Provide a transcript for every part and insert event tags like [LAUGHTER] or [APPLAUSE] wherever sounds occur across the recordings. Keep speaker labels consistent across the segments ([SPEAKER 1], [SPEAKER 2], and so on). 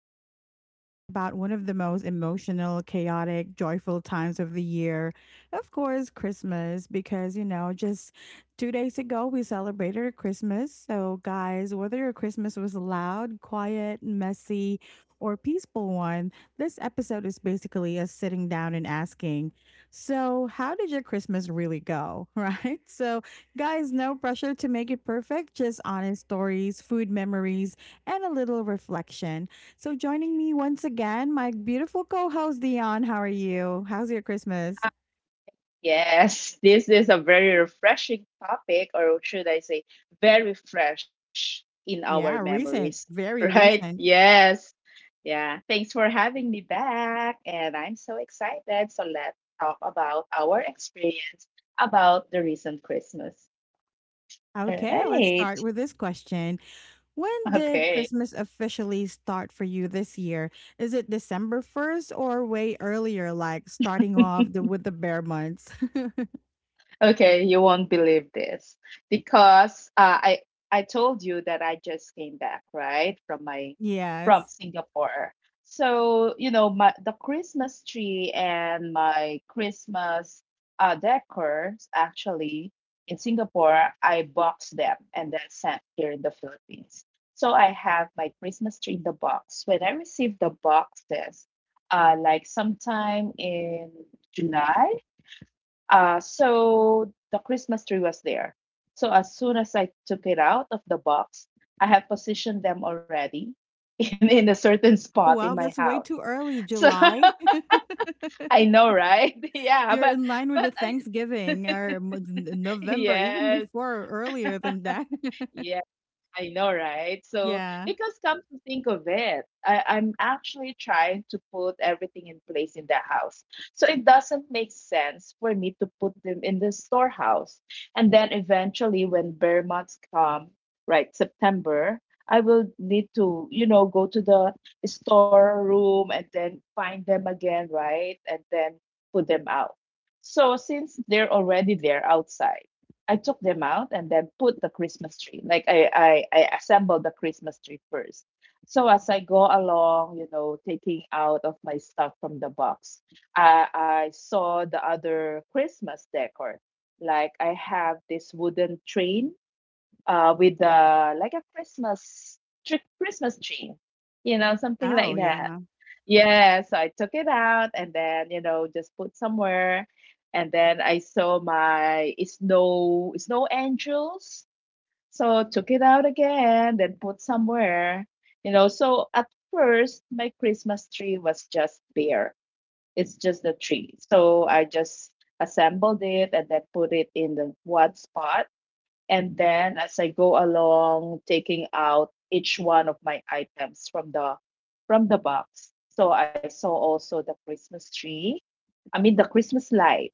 [SPEAKER 1] today we're talking about one of the most emotional, chaotic, joyful times of the year. Of course, Christmas, because, just 2 days ago we celebrated Christmas. So, guys, whether your Christmas was loud, quiet, messy, or peaceful one, this episode is basically us sitting down and asking, so, how did your Christmas really go? [LAUGHS] Right? So, guys, no pressure to make it perfect, just honest stories, food memories, and a little reflection. So, joining me once again, my beautiful co host Dion. How are you? How's your Christmas?
[SPEAKER 2] Yes, this is a very refreshing topic, or should I say, very fresh in our
[SPEAKER 1] Yeah, recent,
[SPEAKER 2] memories, [LAUGHS]
[SPEAKER 1] very
[SPEAKER 2] right?
[SPEAKER 1] recent.
[SPEAKER 2] Yes. Yeah. Thanks for having me back. And I'm so excited. So let's talk about our experience about the recent Christmas. All
[SPEAKER 1] Okay, let's
[SPEAKER 2] right.
[SPEAKER 1] start
[SPEAKER 2] [LAUGHS]
[SPEAKER 1] with this question. When did
[SPEAKER 2] Okay.
[SPEAKER 1] Christmas officially start for you this year? Is it December 1st or way earlier, like starting off with the bare months? [LAUGHS]
[SPEAKER 2] Okay, you won't believe this because I told you that I just came back, right, from my from
[SPEAKER 1] Yes.
[SPEAKER 2] Singapore. So, you know, my the Christmas tree and my Christmas decors actually in Singapore, I box them and then sent here in the Philippines. So I have my Christmas tree in the box. When I received the boxes, like sometime in July, so the Christmas tree was there. So as soon as I took it out of the box, I had positioned them already [LAUGHS] in a certain
[SPEAKER 1] Oh,
[SPEAKER 2] spot in
[SPEAKER 1] wow,
[SPEAKER 2] my
[SPEAKER 1] that's way
[SPEAKER 2] house.
[SPEAKER 1] too early,
[SPEAKER 2] So
[SPEAKER 1] July. [LAUGHS]
[SPEAKER 2] [LAUGHS] I know, right? [LAUGHS] Yeah,
[SPEAKER 1] You're in line with
[SPEAKER 2] but
[SPEAKER 1] the
[SPEAKER 2] I,
[SPEAKER 1] Thanksgiving or m n
[SPEAKER 2] [LAUGHS]
[SPEAKER 1] November, even
[SPEAKER 2] yes,
[SPEAKER 1] before earlier than that. [LAUGHS]
[SPEAKER 2] yes, I know, right? So,
[SPEAKER 1] Yeah.
[SPEAKER 2] because come to think of it, I'm actually trying to put everything in place in the house. So, it doesn't make sense for me to put them in the storehouse. And then eventually, when bear months come, right, September, I will need to, you know, go to the storeroom and then find them again, right? And then put them out. So, since they're already there outside, I took them out and then put the Christmas tree. Like I assembled the Christmas tree first. So as I go along, you know, taking out of my stuff from the box, I saw the other Christmas decor. Like I have this wooden train with like a Christmas tree, you know, something
[SPEAKER 1] Oh,
[SPEAKER 2] like that.
[SPEAKER 1] yeah.
[SPEAKER 2] Yeah, so I took it out and then, you know, just put somewhere. And then I saw my snow angels. So took it out again, then put somewhere. You know, so at first my Christmas tree was just bare. It's just a tree. So I just assembled it and then put it in the one spot. And then as I go along, taking out each one of my items from the box. So I saw also the Christmas tree. I mean the Christmas light.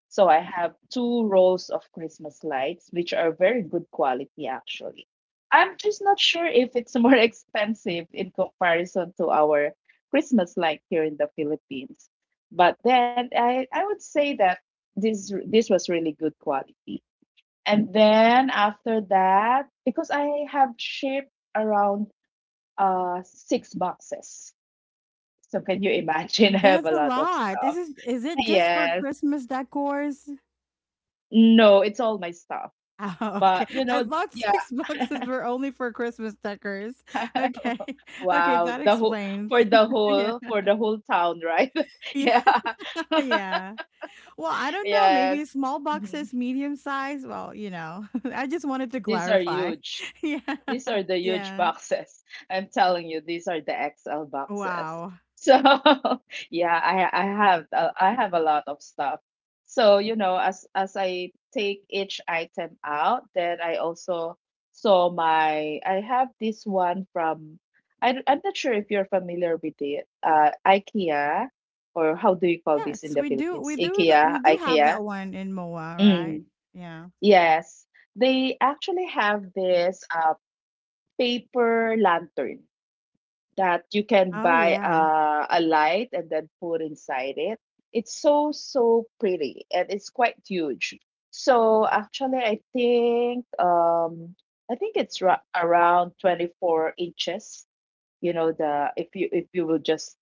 [SPEAKER 2] So I have two rows of Christmas lights, which are very good quality actually. I'm just not sure if it's [LAUGHS] more expensive in comparison to our Christmas light here in the Philippines. But then I would say that this was really good quality. And then after that, because I have shipped around six boxes. So can you imagine? [LAUGHS] I have
[SPEAKER 1] That's
[SPEAKER 2] a
[SPEAKER 1] a
[SPEAKER 2] lot of
[SPEAKER 1] lot. This
[SPEAKER 2] stuff.
[SPEAKER 1] is it just for
[SPEAKER 2] Yes.
[SPEAKER 1] Christmas decors? [LAUGHS]
[SPEAKER 2] No, it's all my stuff.
[SPEAKER 1] Oh, okay.
[SPEAKER 2] But you
[SPEAKER 1] I
[SPEAKER 2] know,
[SPEAKER 1] thought [LAUGHS]
[SPEAKER 2] yeah.
[SPEAKER 1] 6 boxes were only for Christmas decors. Okay.
[SPEAKER 2] [LAUGHS]
[SPEAKER 1] [LAUGHS] Okay,
[SPEAKER 2] Wow,
[SPEAKER 1] that
[SPEAKER 2] the whole for
[SPEAKER 1] explains.
[SPEAKER 2] the
[SPEAKER 1] [LAUGHS] Yeah.
[SPEAKER 2] whole for the whole town, right? [LAUGHS]
[SPEAKER 1] Yeah,
[SPEAKER 2] Yeah.
[SPEAKER 1] [LAUGHS]
[SPEAKER 2] [LAUGHS]
[SPEAKER 1] yeah. Well, I don't know, maybe
[SPEAKER 2] Yes.
[SPEAKER 1] small
[SPEAKER 2] Mhm.
[SPEAKER 1] boxes, medium size, well, [LAUGHS] I just wanted to
[SPEAKER 2] These are
[SPEAKER 1] clarify.
[SPEAKER 2] huge.
[SPEAKER 1] [LAUGHS] Yeah.
[SPEAKER 2] These are the huge
[SPEAKER 1] Yeah.
[SPEAKER 2] boxes. [LAUGHS] I'm telling you, these are the XL boxes.
[SPEAKER 1] Wow.
[SPEAKER 2] So [LAUGHS] yeah, I have a lot of stuff. So you know, as I take each item out, then I also saw my I have this one from I'm not sure if you're familiar with it. IKEA or how do you call this in
[SPEAKER 1] Yes,
[SPEAKER 2] the
[SPEAKER 1] we do
[SPEAKER 2] Philippines?
[SPEAKER 1] we do that
[SPEAKER 2] IKEA,
[SPEAKER 1] we do have
[SPEAKER 2] IKEA.
[SPEAKER 1] that one in MOA, right?
[SPEAKER 2] Mm,
[SPEAKER 1] Yeah.
[SPEAKER 2] yes, they actually have this. Paper lantern that you can
[SPEAKER 1] Oh,
[SPEAKER 2] buy
[SPEAKER 1] yeah.
[SPEAKER 2] a light and then put inside it. It's so, so pretty and it's quite huge. So actually, I think it's around 24 inches, you know, the if you will just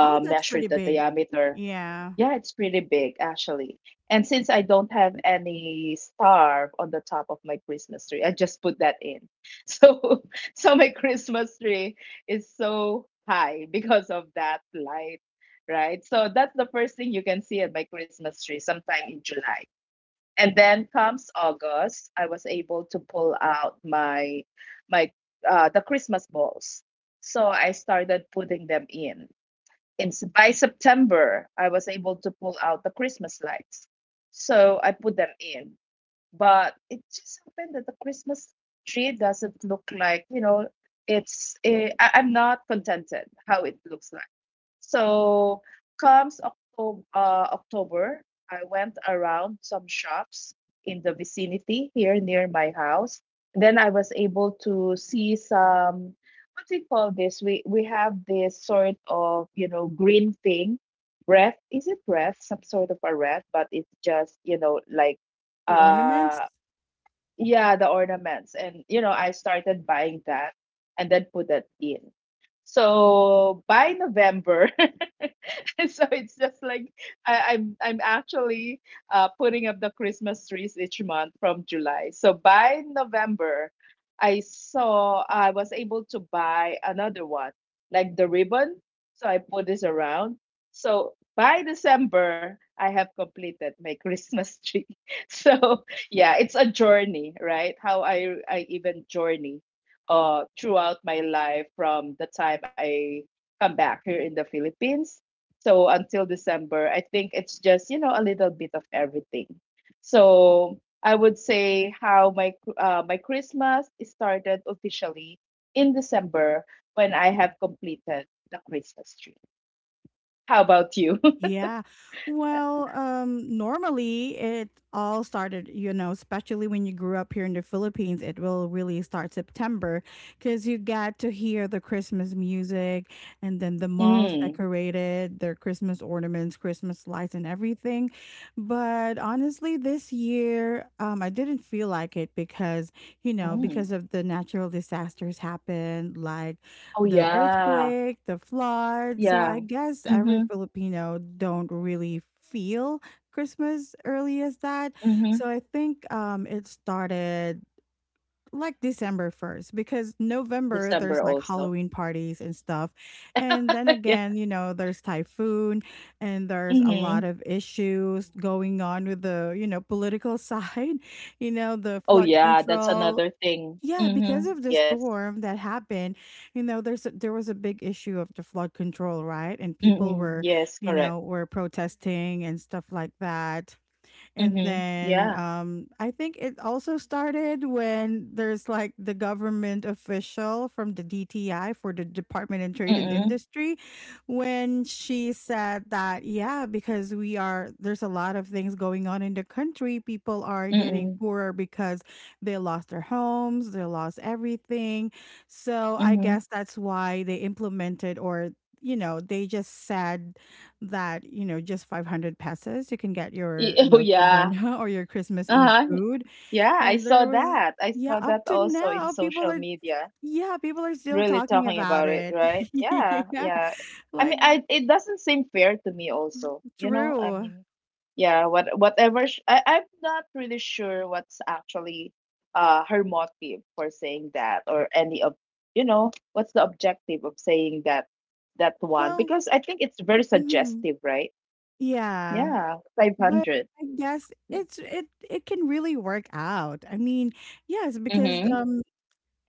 [SPEAKER 1] Oh, that's
[SPEAKER 2] measure
[SPEAKER 1] pretty
[SPEAKER 2] the
[SPEAKER 1] big.
[SPEAKER 2] diameter.
[SPEAKER 1] Yeah.
[SPEAKER 2] Yeah, it's pretty big actually. And since I don't have any star on the top of my Christmas tree, I just put that in. [LAUGHS] So so my Christmas tree is so high because of that light, right? So that's the first thing you can see at my Christmas tree sometime in July. And then comes August, I was able to pull out my my the Christmas balls. So I started putting them in. By September, I was able to pull out the Christmas lights. So I put them in. But it just happened that the Christmas tree doesn't look like, you know, I'm not contented how it looks like. So comes October, October, I went around some shops in the vicinity here near my house. Then I was able to see some what do you call this? We have this sort of you know green thing, breath. Is it breath? Some sort of a wreath, but it's just you know like
[SPEAKER 1] The ornaments?
[SPEAKER 2] uh yeah the ornaments, and you know I started buying that and then put that in. So by November, [LAUGHS] so it's just like I'm actually putting up the Christmas trees each month from July. So by November, I saw I was able to buy another one, like the ribbon. So I put this around. So by December, I have completed my Christmas tree. [LAUGHS] So yeah, it's a journey, right? How I even journey throughout my life from the time I come back here in the Philippines. So until December, I think it's just, you know, a little bit of everything. So I would say how my Christmas started officially in December when I have completed the Christmas tree. How about you?
[SPEAKER 1] Yeah. Well, normally it all started, especially when you grew up here in the Philippines, it will really start September because you got to hear the Christmas music, and then the
[SPEAKER 2] [LAUGHS]
[SPEAKER 1] malls
[SPEAKER 2] Mm,
[SPEAKER 1] decorated their Christmas ornaments, Christmas lights, and everything. But honestly, this year, I didn't feel like it because, you know,
[SPEAKER 2] mm.
[SPEAKER 1] because of the natural disasters happened, like
[SPEAKER 2] Oh
[SPEAKER 1] the
[SPEAKER 2] yeah.
[SPEAKER 1] earthquake, the flood. So I
[SPEAKER 2] Yeah.
[SPEAKER 1] guess every
[SPEAKER 2] Mhm.
[SPEAKER 1] Filipino don't really feel Christmas early as that.
[SPEAKER 2] Mhm.
[SPEAKER 1] So I think it started like December 1st, because November
[SPEAKER 2] December
[SPEAKER 1] there's like
[SPEAKER 2] also.
[SPEAKER 1] Halloween parties and stuff. And then
[SPEAKER 2] [LAUGHS] Yeah.
[SPEAKER 1] again, there's typhoon, and there's a
[SPEAKER 2] Mm-hmm.
[SPEAKER 1] lot of issues going on with the political side, [LAUGHS] the
[SPEAKER 2] Oh
[SPEAKER 1] flood
[SPEAKER 2] yeah, that's
[SPEAKER 1] control.
[SPEAKER 2] another thing.
[SPEAKER 1] Yeah, because
[SPEAKER 2] Mm-hmm.
[SPEAKER 1] of the
[SPEAKER 2] Yes.
[SPEAKER 1] storm that happened, there was a big issue of the flood control, right? And people
[SPEAKER 2] Mm-hmm.
[SPEAKER 1] were,
[SPEAKER 2] Yes,
[SPEAKER 1] you
[SPEAKER 2] correct.
[SPEAKER 1] know, were protesting and stuff like that. And
[SPEAKER 2] Mm-hmm.
[SPEAKER 1] then
[SPEAKER 2] Yeah.
[SPEAKER 1] I think it also started when there's like the government official from the DTI, for the Department in Trade and
[SPEAKER 2] Mm-hmm.
[SPEAKER 1] Industry, when she said that, yeah, because there's a lot of things going on in the country. People are getting
[SPEAKER 2] Mm.
[SPEAKER 1] poorer because they lost their homes, they lost everything. So I
[SPEAKER 2] Mhm.
[SPEAKER 1] guess that's why they implemented, or they just said that, just 500 pesos, you can get
[SPEAKER 2] Y
[SPEAKER 1] your
[SPEAKER 2] [LAUGHS] oh,
[SPEAKER 1] Noche
[SPEAKER 2] yeah.
[SPEAKER 1] Buena [LAUGHS] or your Christmas Eve
[SPEAKER 2] Uh-huh.
[SPEAKER 1] food.
[SPEAKER 2] Yeah, I
[SPEAKER 1] And
[SPEAKER 2] saw that. I
[SPEAKER 1] yeah,
[SPEAKER 2] saw
[SPEAKER 1] up
[SPEAKER 2] that
[SPEAKER 1] to
[SPEAKER 2] also in
[SPEAKER 1] now, people
[SPEAKER 2] social
[SPEAKER 1] are,
[SPEAKER 2] media,
[SPEAKER 1] yeah, people are still
[SPEAKER 2] really
[SPEAKER 1] talking
[SPEAKER 2] talking
[SPEAKER 1] about
[SPEAKER 2] about it,
[SPEAKER 1] it.
[SPEAKER 2] right? Yeah,
[SPEAKER 1] [LAUGHS] Yeah,
[SPEAKER 2] yeah. I
[SPEAKER 1] like,
[SPEAKER 2] mean, I it doesn't seem fair to me also. You know, I
[SPEAKER 1] true.
[SPEAKER 2] mean, yeah, what whatever sh I I'm not really sure what's actually her motive for saying that or any of, you know, what's the objective of saying that that one
[SPEAKER 1] Well,
[SPEAKER 2] because I think it's very
[SPEAKER 1] mhm,
[SPEAKER 2] suggestive, right?
[SPEAKER 1] yeah,
[SPEAKER 2] Yeah,
[SPEAKER 1] but
[SPEAKER 2] 500.
[SPEAKER 1] I guess it can really work out. I mean, yes, because
[SPEAKER 2] Mhm,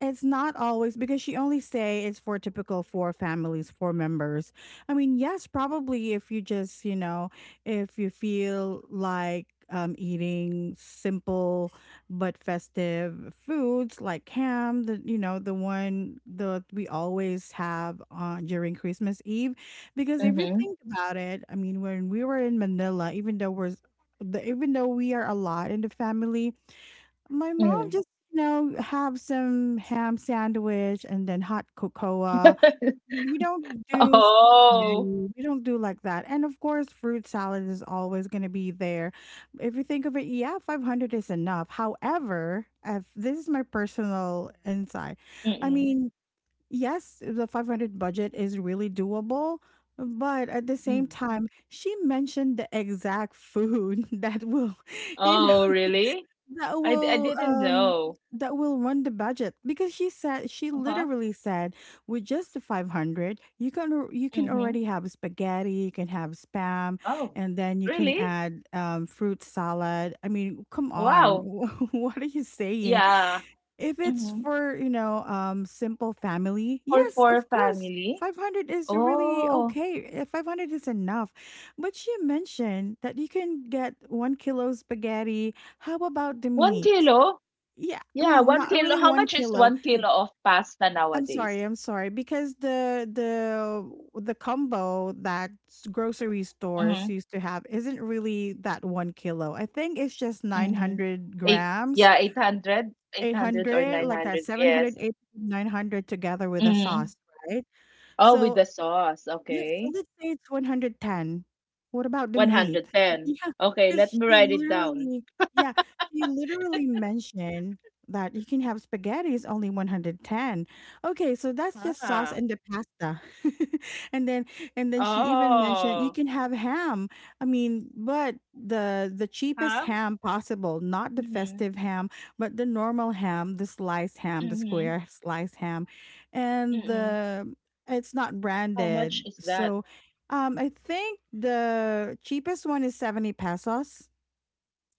[SPEAKER 1] it's not always. Because she only say it's for typical four families, four members. I mean, yes, probably if you just, if you feel like eating simple but festive foods like ham, the you know the one that we always have on during Christmas Eve, because if you
[SPEAKER 2] mhm,
[SPEAKER 1] think about it, I mean, when we were in Manila, even though even though we are a lot in the family, my mom
[SPEAKER 2] mm.
[SPEAKER 1] just, have some ham sandwich and then hot cocoa.
[SPEAKER 2] [LAUGHS]
[SPEAKER 1] We don't do spaghetti.
[SPEAKER 2] Oh.
[SPEAKER 1] We don't do like that. And of course, fruit salad is always going to be there. If you think of it, yeah, 500 is enough. However, if this is my personal insight, I
[SPEAKER 2] Mm-mm,
[SPEAKER 1] mean, yes, the 500 budget is really doable. But at the same
[SPEAKER 2] mm.
[SPEAKER 1] time, she mentioned the exact food [LAUGHS] that will, you know,
[SPEAKER 2] Oh, really?
[SPEAKER 1] that
[SPEAKER 2] I
[SPEAKER 1] will
[SPEAKER 2] didn't
[SPEAKER 1] um
[SPEAKER 2] know.
[SPEAKER 1] that will run the budget, because she
[SPEAKER 2] Uh-huh.
[SPEAKER 1] literally said with just the 500, you can
[SPEAKER 2] Mhm.
[SPEAKER 1] already have spaghetti, you can have spam,
[SPEAKER 2] Oh,
[SPEAKER 1] and then you can
[SPEAKER 2] really?
[SPEAKER 1] add fruit salad. I mean, come on. [LAUGHS]
[SPEAKER 2] Wow.
[SPEAKER 1] What are you saying?
[SPEAKER 2] Yeah.
[SPEAKER 1] If it's
[SPEAKER 2] Mhm.
[SPEAKER 1] for simple family,
[SPEAKER 2] For
[SPEAKER 1] yes,
[SPEAKER 2] four
[SPEAKER 1] of course
[SPEAKER 2] family?
[SPEAKER 1] 500 is really
[SPEAKER 2] Oh,
[SPEAKER 1] okay. 500 is enough, but she mentioned that you can get 1 kilo spaghetti. How about the
[SPEAKER 2] one
[SPEAKER 1] meat?
[SPEAKER 2] kilo?
[SPEAKER 1] Yeah, I
[SPEAKER 2] Yeah,
[SPEAKER 1] mean,
[SPEAKER 2] 1
[SPEAKER 1] not
[SPEAKER 2] kilo.
[SPEAKER 1] really
[SPEAKER 2] How
[SPEAKER 1] one
[SPEAKER 2] much is
[SPEAKER 1] kilo.
[SPEAKER 2] 1 kilo of pasta nowadays?
[SPEAKER 1] I'm sorry, because the combo that grocery stores
[SPEAKER 2] Mhm,
[SPEAKER 1] used to have isn't really that 1 kilo. I think it's just
[SPEAKER 2] mhm.
[SPEAKER 1] 900
[SPEAKER 2] Eight
[SPEAKER 1] grams,
[SPEAKER 2] yeah, eight hundred or
[SPEAKER 1] 800, like that,
[SPEAKER 2] 900,
[SPEAKER 1] 700,
[SPEAKER 2] yes.
[SPEAKER 1] 800, 900, together with a
[SPEAKER 2] Mhm.
[SPEAKER 1] sauce, right?
[SPEAKER 2] Oh, with
[SPEAKER 1] So,
[SPEAKER 2] the sauce,
[SPEAKER 1] yeah, so
[SPEAKER 2] okay.
[SPEAKER 1] let's say it's 110. What about the meat? [LAUGHS]
[SPEAKER 2] 110.
[SPEAKER 1] Yeah,
[SPEAKER 2] Okay,
[SPEAKER 1] because
[SPEAKER 2] let me
[SPEAKER 1] she
[SPEAKER 2] write it down.
[SPEAKER 1] literally yeah, she literally mentioned that you can have spaghetti is only 110. Okay, so that's just sauce
[SPEAKER 2] Ah.
[SPEAKER 1] and the pasta. [LAUGHS] And then and then she even mentioned you
[SPEAKER 2] Oh.
[SPEAKER 1] can have ham. I mean, but the cheapest
[SPEAKER 2] Ham?
[SPEAKER 1] ham possible, not the
[SPEAKER 2] Mm-hmm.
[SPEAKER 1] festive ham, but the normal ham, the sliced ham, the
[SPEAKER 2] Mm-hmm.
[SPEAKER 1] square sliced ham. And
[SPEAKER 2] Mm-hmm.
[SPEAKER 1] the It's not
[SPEAKER 2] How much
[SPEAKER 1] branded.
[SPEAKER 2] is that?
[SPEAKER 1] So, I think the cheapest one is 70 pesos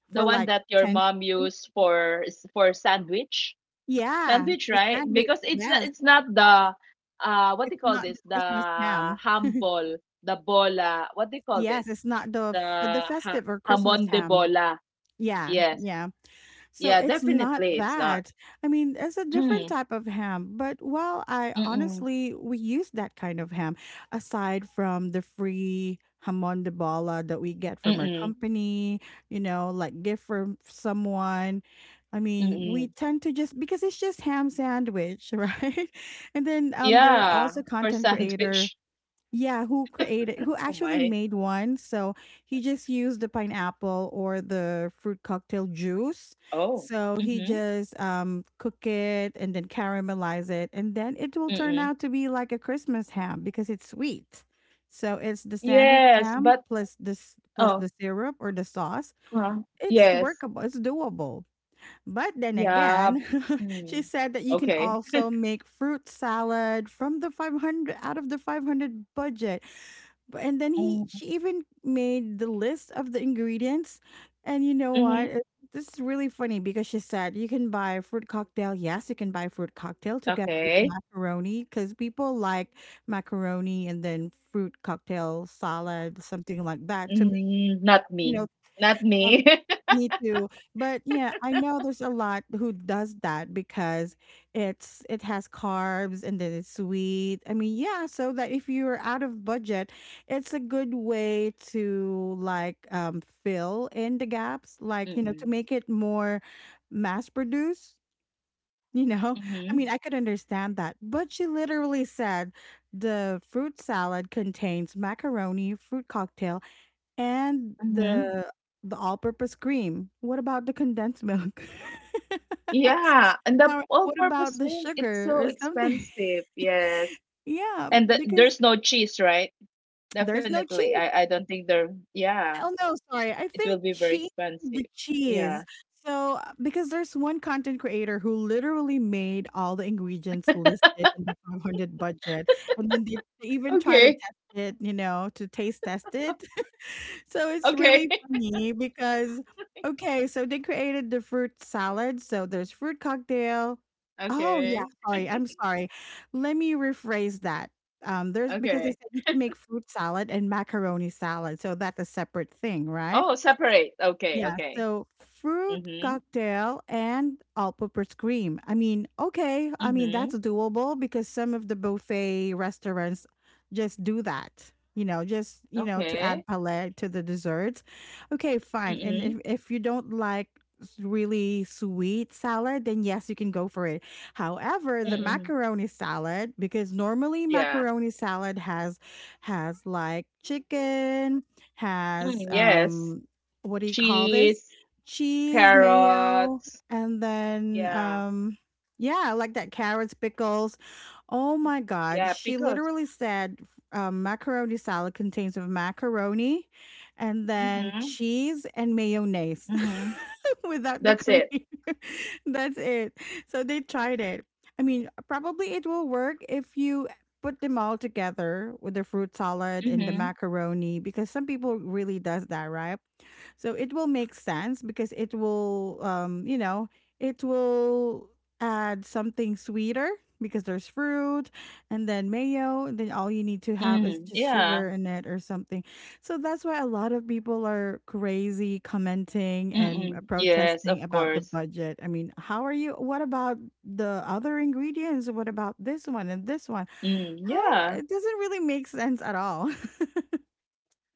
[SPEAKER 2] The
[SPEAKER 1] for
[SPEAKER 2] one
[SPEAKER 1] like
[SPEAKER 2] that your
[SPEAKER 1] 10
[SPEAKER 2] mom
[SPEAKER 1] pieces.
[SPEAKER 2] used for for sandwich?
[SPEAKER 1] Yeah,
[SPEAKER 2] Sandwich,
[SPEAKER 1] for
[SPEAKER 2] right?
[SPEAKER 1] sandwich.
[SPEAKER 2] Because
[SPEAKER 1] Yes.
[SPEAKER 2] it's not the what do
[SPEAKER 1] It's
[SPEAKER 2] you call
[SPEAKER 1] not the
[SPEAKER 2] this?
[SPEAKER 1] Christmas
[SPEAKER 2] The
[SPEAKER 1] ham.
[SPEAKER 2] ham ball, the bola. What do you call
[SPEAKER 1] Yes,
[SPEAKER 2] this?
[SPEAKER 1] it's not the
[SPEAKER 2] The
[SPEAKER 1] festive or Christmas
[SPEAKER 2] hamon de
[SPEAKER 1] ham.
[SPEAKER 2] bola.
[SPEAKER 1] Yeah,
[SPEAKER 2] Yes.
[SPEAKER 1] yeah. So
[SPEAKER 2] Yeah,
[SPEAKER 1] it's not
[SPEAKER 2] definitely it's not.
[SPEAKER 1] that. I mean, it's a different
[SPEAKER 2] Mm.
[SPEAKER 1] type of ham. But well, I
[SPEAKER 2] Mm-mm.
[SPEAKER 1] honestly, we use that kind of ham aside from the free hamon de bola that we get from our
[SPEAKER 2] Mm-mm.
[SPEAKER 1] company, you know, like gift from someone. I mean, we
[SPEAKER 2] Mm-mm.
[SPEAKER 1] tend to, just because it's just ham sandwich, [LAUGHS] right? And then there are
[SPEAKER 2] Yeah,
[SPEAKER 1] also
[SPEAKER 2] for
[SPEAKER 1] content creator,
[SPEAKER 2] sandwich. [LAUGHS]
[SPEAKER 1] yeah, who
[SPEAKER 2] Oh
[SPEAKER 1] actually
[SPEAKER 2] my.
[SPEAKER 1] made one. So he just used the pineapple or the fruit cocktail juice.
[SPEAKER 2] Oh.
[SPEAKER 1] So he
[SPEAKER 2] Mm-hmm.
[SPEAKER 1] just cook it and then caramelize it. And then it will turn
[SPEAKER 2] Mm-mm.
[SPEAKER 1] out to be like a Christmas ham because it's sweet. So it's the sandwich
[SPEAKER 2] Yes,
[SPEAKER 1] ham
[SPEAKER 2] but
[SPEAKER 1] plus this plus
[SPEAKER 2] oh,
[SPEAKER 1] the syrup or the sauce.
[SPEAKER 2] huh.
[SPEAKER 1] It's
[SPEAKER 2] Yes.
[SPEAKER 1] workable. It's doable. But then
[SPEAKER 2] Yeah.
[SPEAKER 1] again, [LAUGHS] she
[SPEAKER 2] Mm.
[SPEAKER 1] said that you can
[SPEAKER 2] Okay.
[SPEAKER 1] also
[SPEAKER 2] [LAUGHS]
[SPEAKER 1] make fruit salad from the 500, out of the 500 budget. And then he
[SPEAKER 2] Mm,
[SPEAKER 1] she even made the list of the ingredients. And you know
[SPEAKER 2] Mm-hmm.
[SPEAKER 1] what? This is really funny, because she said you can buy fruit cocktail. Yes, you can buy fruit cocktail together with the
[SPEAKER 2] Okay.
[SPEAKER 1] macaroni, because people like macaroni and then fruit cocktail salad, something like that to make,
[SPEAKER 2] Mm, not
[SPEAKER 1] you
[SPEAKER 2] me.
[SPEAKER 1] know,
[SPEAKER 2] Not me.
[SPEAKER 1] me too. But yeah, I know there's a lot who does that, because it has carbs and then it's sweet. I mean, yeah, so that if you're out of budget, it's a good way to like fill in the gaps,
[SPEAKER 2] [LAUGHS]
[SPEAKER 1] like, to
[SPEAKER 2] Mm-mm.
[SPEAKER 1] make it more mass produced, [LAUGHS] you know?
[SPEAKER 2] Mm-hmm.
[SPEAKER 1] I mean, I could understand that. But she literally said the fruit salad contains macaroni, fruit cocktail, and
[SPEAKER 2] Mm-hmm.
[SPEAKER 1] the all-purpose cream. What about the condensed milk? [LAUGHS]
[SPEAKER 2] Yeah, and the
[SPEAKER 1] How What about
[SPEAKER 2] all-purpose
[SPEAKER 1] the
[SPEAKER 2] thing, it's
[SPEAKER 1] sugar
[SPEAKER 2] so
[SPEAKER 1] or something?
[SPEAKER 2] expensive.
[SPEAKER 1] [LAUGHS]
[SPEAKER 2] Yes.
[SPEAKER 1] Yeah,
[SPEAKER 2] And the,
[SPEAKER 1] because
[SPEAKER 2] there's no cheese, right?
[SPEAKER 1] there's no
[SPEAKER 2] Definitely.
[SPEAKER 1] cheese.
[SPEAKER 2] I don't think there yeah,
[SPEAKER 1] Oh, no, sorry. I
[SPEAKER 2] it will
[SPEAKER 1] think
[SPEAKER 2] be very
[SPEAKER 1] she
[SPEAKER 2] expensive.
[SPEAKER 1] included the
[SPEAKER 2] Yeah.
[SPEAKER 1] cheese. So, because there's one content creator who literally made all the ingredients listed in the 500 budget, and then they even try to
[SPEAKER 2] Okay.
[SPEAKER 1] test it, to taste test it. So it's
[SPEAKER 2] Okay.
[SPEAKER 1] really
[SPEAKER 2] [LAUGHS]
[SPEAKER 1] funny, because, okay, so they created the fruit salad. So there's fruit cocktail. Oh yeah,
[SPEAKER 2] Okay.
[SPEAKER 1] sorry, I'm sorry. Let me rephrase that. There's Because they
[SPEAKER 2] Okay.
[SPEAKER 1] said you can make fruit salad and macaroni salad, so that's a separate thing, right?
[SPEAKER 2] Oh, separate. Okay.
[SPEAKER 1] Yeah,
[SPEAKER 2] Okay.
[SPEAKER 1] so fruit
[SPEAKER 2] Mhm.
[SPEAKER 1] cocktail and all purpose cream. I mean, okay, that's
[SPEAKER 2] Mhm.
[SPEAKER 1] doable, because some of the buffet restaurants just do that. You know, just to
[SPEAKER 2] Okay.
[SPEAKER 1] add palette to the desserts. Okay, fine. And
[SPEAKER 2] Mhm.
[SPEAKER 1] if you don't like really sweet salad, then yes, you can go for it. However, the
[SPEAKER 2] Mhm.
[SPEAKER 1] macaroni salad, because normally
[SPEAKER 2] Yeah.
[SPEAKER 1] macaroni salad has like chicken, has
[SPEAKER 2] Mm, yes.
[SPEAKER 1] what do you call this?
[SPEAKER 2] Cheese,
[SPEAKER 1] Cheese, mayo,
[SPEAKER 2] carrots.
[SPEAKER 1] and then
[SPEAKER 2] Yeah.
[SPEAKER 1] yeah, like that, carrots, pickles. Oh
[SPEAKER 2] Mm,
[SPEAKER 1] my god,
[SPEAKER 2] yeah,
[SPEAKER 1] she
[SPEAKER 2] pickles.
[SPEAKER 1] literally said macaroni salad contains of macaroni and then
[SPEAKER 2] Mhm.
[SPEAKER 1] cheese and mayonnaise
[SPEAKER 2] Mhm.
[SPEAKER 1] [LAUGHS] without the
[SPEAKER 2] That's
[SPEAKER 1] cream.
[SPEAKER 2] it.
[SPEAKER 1] [LAUGHS] That's it. So they tried it. I mean, probably it will work if you put them all together with the fruit salad and the
[SPEAKER 2] Mhm.
[SPEAKER 1] macaroni, because some people really does that, right? So it will make sense, because it will add something sweeter, because there's fruit and then mayo. And then all you need to have is
[SPEAKER 2] Mm,
[SPEAKER 1] just
[SPEAKER 2] yeah.
[SPEAKER 1] sugar in it or something. So that's why a lot of people are crazy commenting and
[SPEAKER 2] Mm-mm. Yes,
[SPEAKER 1] protesting
[SPEAKER 2] of
[SPEAKER 1] about the
[SPEAKER 2] course.
[SPEAKER 1] budget. I mean, how are you? What about the other ingredients? What about this one and this one?
[SPEAKER 2] Mm,
[SPEAKER 1] How are,
[SPEAKER 2] yeah.
[SPEAKER 1] it doesn't really make sense at all. [LAUGHS]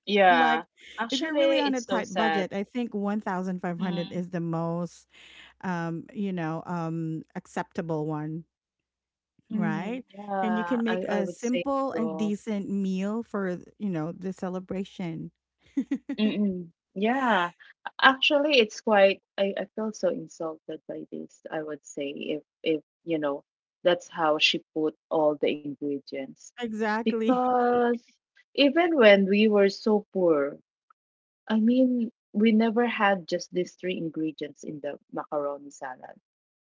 [SPEAKER 2] Yeah.
[SPEAKER 1] Like, if you're really
[SPEAKER 2] Actually,
[SPEAKER 1] on a
[SPEAKER 2] it's so
[SPEAKER 1] tight
[SPEAKER 2] sad.
[SPEAKER 1] budget, I think 1,500
[SPEAKER 2] Mm.
[SPEAKER 1] is the most, acceptable one,
[SPEAKER 2] Mm,
[SPEAKER 1] right? And you
[SPEAKER 2] yeah,
[SPEAKER 1] can
[SPEAKER 2] I
[SPEAKER 1] make
[SPEAKER 2] I
[SPEAKER 1] a
[SPEAKER 2] would say
[SPEAKER 1] simple and
[SPEAKER 2] so.
[SPEAKER 1] decent meal for, the celebration.
[SPEAKER 2] Mm-mm. Yeah. Actually, it's quite I feel so insulted by this, I would say, if you know, that's how she put all the ingredients.
[SPEAKER 1] Exactly. [LAUGHS]
[SPEAKER 2] Because even when we were so poor, I mean, we never had just these three ingredients in the macaroni salad.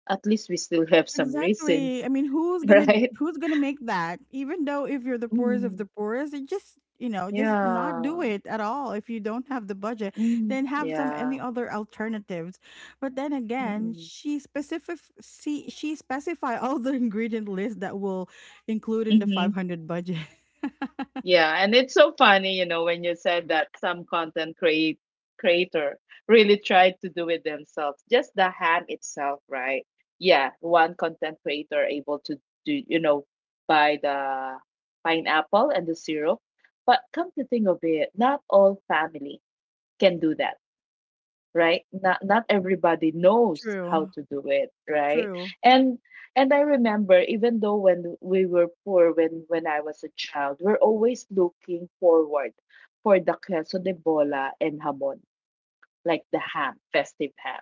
[SPEAKER 2] At least we still have some
[SPEAKER 1] Exactly.
[SPEAKER 2] raisins,
[SPEAKER 1] I mean,
[SPEAKER 2] [LAUGHS] right?
[SPEAKER 1] who's gonna make that? Even though if you're the poorest of
[SPEAKER 2] Mm,
[SPEAKER 1] the poorest, it just just not do
[SPEAKER 2] yeah.
[SPEAKER 1] it at all. If you don't have the budget,
[SPEAKER 2] Mm,
[SPEAKER 1] then have some
[SPEAKER 2] yeah.
[SPEAKER 1] any other alternatives. But then again,
[SPEAKER 2] Mm-mm.
[SPEAKER 1] she specific see she specify all the [LAUGHS] ingredient list that will include in the
[SPEAKER 2] Mm-hmm.
[SPEAKER 1] 500 budget. [LAUGHS]
[SPEAKER 2] Yeah, and it's so funny, you know, when you said that some content create creator really tried to do it themselves. Just the ham itself, right? Yeah, one content creator able to do, you know, buy the pineapple and the syrup. But come to think of it, not all family can do that, right? Not not everybody knows how
[SPEAKER 1] True.
[SPEAKER 2] to do it, right?
[SPEAKER 1] True.
[SPEAKER 2] and and I remember even though when we were poor, when I was a child, we're always looking forward for the queso de bola and hamon, like the ham, festive ham,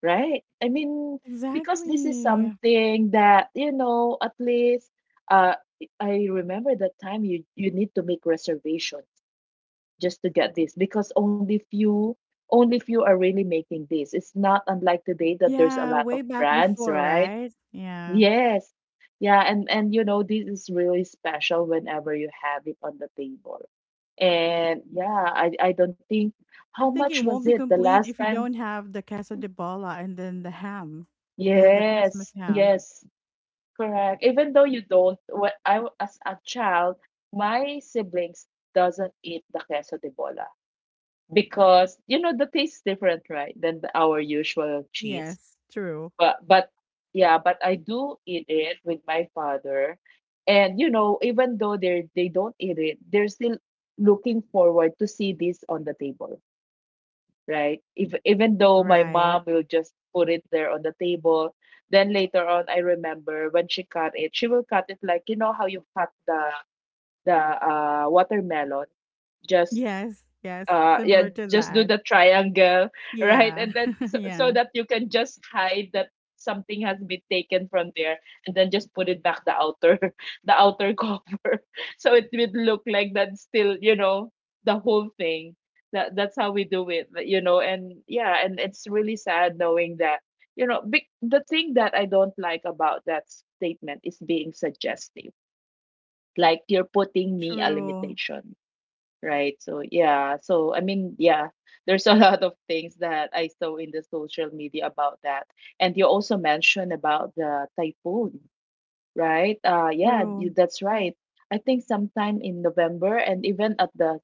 [SPEAKER 2] right? I mean, because this is
[SPEAKER 1] Exactly.
[SPEAKER 2] something that you know at least uh I remember that time you you need to make reservation just to get this because only few are really making this. It's not unlike today that there's a
[SPEAKER 1] Yeah,
[SPEAKER 2] lot of
[SPEAKER 1] way back
[SPEAKER 2] brands,
[SPEAKER 1] before,
[SPEAKER 2] right?
[SPEAKER 1] right? Yeah.
[SPEAKER 2] Yes. Yeah, and you know this is really special whenever you have it on the table. And yeah, I don't think
[SPEAKER 1] I
[SPEAKER 2] how
[SPEAKER 1] think
[SPEAKER 2] much
[SPEAKER 1] it
[SPEAKER 2] was
[SPEAKER 1] won't be
[SPEAKER 2] it the
[SPEAKER 1] complete
[SPEAKER 2] last
[SPEAKER 1] if you
[SPEAKER 2] time?
[SPEAKER 1] don't have the queso de bola and then the ham. You know, the Christmas
[SPEAKER 2] Yes,
[SPEAKER 1] ham.
[SPEAKER 2] yes, correct. Even though you don't, when as a child, my siblings doesn't eat the queso de bola. Because you know the taste is different, right, than the, our usual cheese.
[SPEAKER 1] Yes, true.
[SPEAKER 2] But yeah, but I do eat it with my father, and you know even though they don't eat it, they're still looking forward to see this on the table, right? If even though my
[SPEAKER 1] Right.
[SPEAKER 2] mom will just put it there on the table, then later on I remember when she cut it, she will cut it like you know how you cut the the watermelon. Just
[SPEAKER 1] Yes, yes, similar
[SPEAKER 2] yeah,
[SPEAKER 1] to
[SPEAKER 2] just do
[SPEAKER 1] that.
[SPEAKER 2] the triangle [LAUGHS] right,
[SPEAKER 1] Yeah.
[SPEAKER 2] and then
[SPEAKER 1] [LAUGHS]
[SPEAKER 2] so
[SPEAKER 1] yeah.
[SPEAKER 2] that you can just hide that something has been taken from there and then just put it back the outer [LAUGHS] the outer cover [LAUGHS] so it would look like that still, you know, the whole thing. That's how we do it, but, you know, and yeah, and it's really sad knowing that, you know, big, the thing that I don't like about that statement is being suggestive, like you're putting me a
[SPEAKER 1] True.
[SPEAKER 2] limitation. Right. So yeah. Yeah, there's a [LAUGHS] lot of things that I saw in the social media about that. And you also mentioned about the typhoon, right? Yeah, you,
[SPEAKER 1] True.
[SPEAKER 2] that's right. I think sometime in November and even at the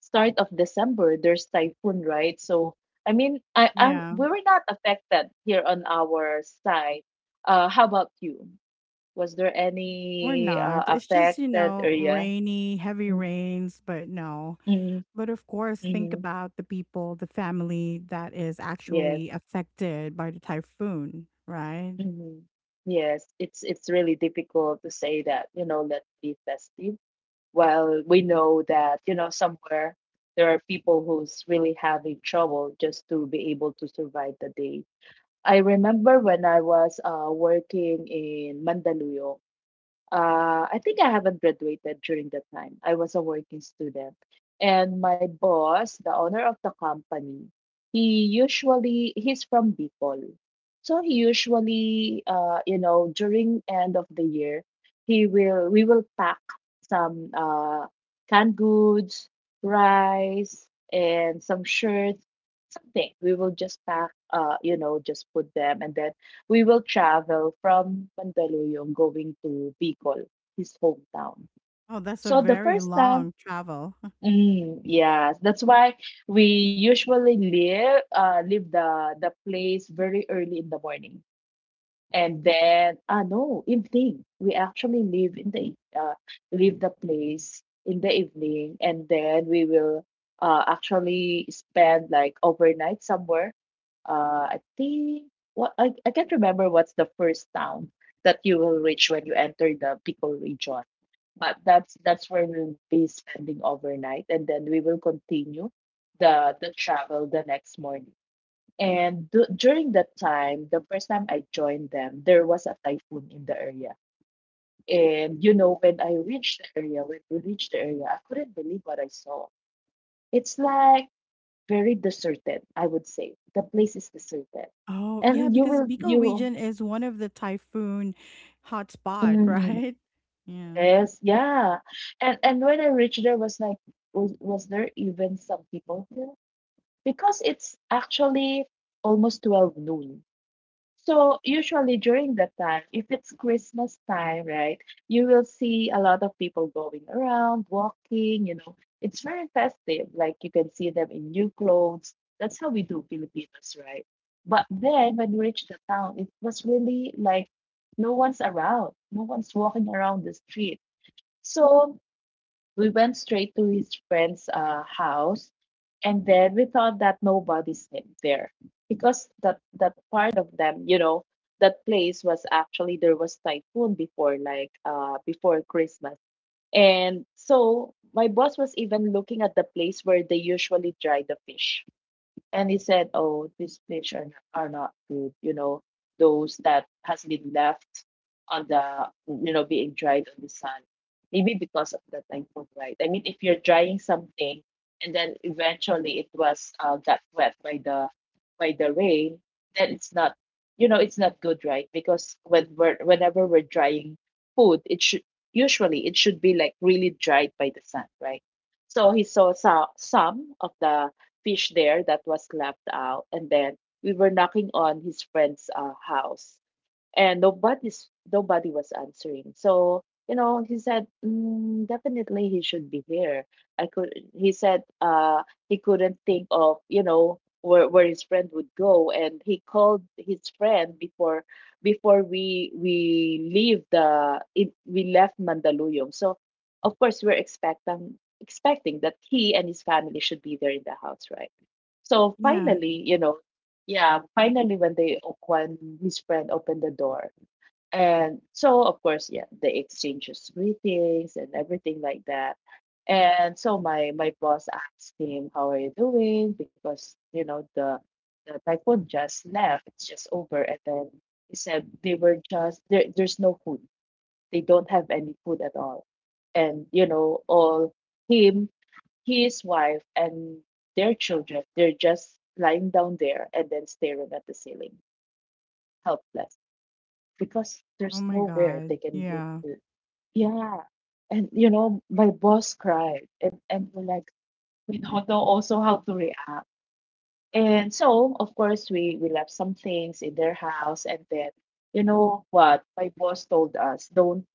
[SPEAKER 2] start of December there's typhoon, right? So I mean, I I'm
[SPEAKER 1] Yeah.
[SPEAKER 2] we were not affected here on our side. How about you? Was there
[SPEAKER 1] We're
[SPEAKER 2] any
[SPEAKER 1] not. It's just, you
[SPEAKER 2] affected
[SPEAKER 1] know,
[SPEAKER 2] area?
[SPEAKER 1] rainy, heavy
[SPEAKER 2] Mm-hmm.
[SPEAKER 1] rains, but no.
[SPEAKER 2] Mm-hmm.
[SPEAKER 1] But of course, think
[SPEAKER 2] Mm-hmm.
[SPEAKER 1] about the people, the family that is
[SPEAKER 2] Yes.
[SPEAKER 1] actually affected by the typhoon, right?
[SPEAKER 2] Mhm. Yes, it's really difficult to say that, you know, let's be festive. While we know that, you know, somewhere there are people who's really having trouble just to be able to survive the day. I remember when I was working in Mandaluyong, I think I haven't graduated during that time. I was a working student. And my boss, the owner of the company, he's from Bicol. So he usually, you know, during end of the year, we will pack some canned goods, rice, and some shirts, something. We will just pack, you know, just put them, and then we will travel from Mandaluyong going to Bicol, his hometown.
[SPEAKER 1] Oh, that's a
[SPEAKER 2] So the
[SPEAKER 1] very
[SPEAKER 2] first time,
[SPEAKER 1] long travel.
[SPEAKER 2] yes, that's why we usually leave the place very early in the morning. And then, no, evening. We actually leave in the leave the place in the evening, and then we will actually spend like overnight somewhere. I think I can't remember what's the first town that you will reach when you enter the Bicol region. But that's where we'll be spending overnight, and then we will continue the travel the next morning. And du during that time, the first time I joined them, there was a typhoon in the area. And you know, when I reached the area, when we reached the area, I couldn't believe what I saw. It's like very deserted, I would say. The place is deserted.
[SPEAKER 1] Oh, yeah,
[SPEAKER 2] And you
[SPEAKER 1] because
[SPEAKER 2] will
[SPEAKER 1] Bicol
[SPEAKER 2] you
[SPEAKER 1] region is one of the typhoon hotspot, [LAUGHS]
[SPEAKER 2] mm,
[SPEAKER 1] right? Yeah.
[SPEAKER 2] yes, yeah. And when I reached, there was like, was there even some people here? Because it's actually almost 12 noon. So usually during that time, if it's Christmas time, right, you will see a lot of people going around, walking, you know. It's very festive. Like you can see them in new clothes. That's how we do Filipinos, right? But then when we reached the town, it was really like no one's around. No one's walking around the street. So we went straight to his friend's house, and then we thought that nobody's in there, because that part of them, you know, that place was actually, there was typhoon before, like before Christmas. And so my boss was even looking at the place where they usually dry the fish, and he said, "Oh, these fish are not good. You know, those that has been left on the, you know, being dried on the sun. Maybe because of the typhoon, right? I mean, if you're drying something and then eventually it was got wet by the rain, then it's not, you know, it's not good, right? Because when we're, whenever we're drying food, it should usually, it should be like really dried by the sun, right? So he saw so, some of the fish there that was left out. And then we were knocking on his friend's house, and nobody was answering. So you know he said, definitely he should be here. I could He said he couldn't think of, you know, where his friend would go, and he called his friend before, before we leave the it, we left Mandaluyong. So of course we're expecting, expecting that he and his family should be there in the house, right? So
[SPEAKER 1] Yeah.
[SPEAKER 2] finally, you know, yeah, finally when when his friend opened the door. And so of course, yeah, they exchanges greetings and everything like that. And so my boss asked him, "How are you doing?" Because you know the typhoon just left, it's just over. And then he said they were just there, there's no food. They don't have any food at all. And you know, all him, his wife, and their children, they're just lying down there and then staring at the ceiling, helpless, because
[SPEAKER 1] Oh
[SPEAKER 2] there's
[SPEAKER 1] my
[SPEAKER 2] nowhere
[SPEAKER 1] God.
[SPEAKER 2] they can go
[SPEAKER 1] Yeah.
[SPEAKER 2] to. Yeah. And you know, my boss cried, and we're like, we don't know also how to react. And so of course we left some things in their house, and then you know what my boss told us, don't,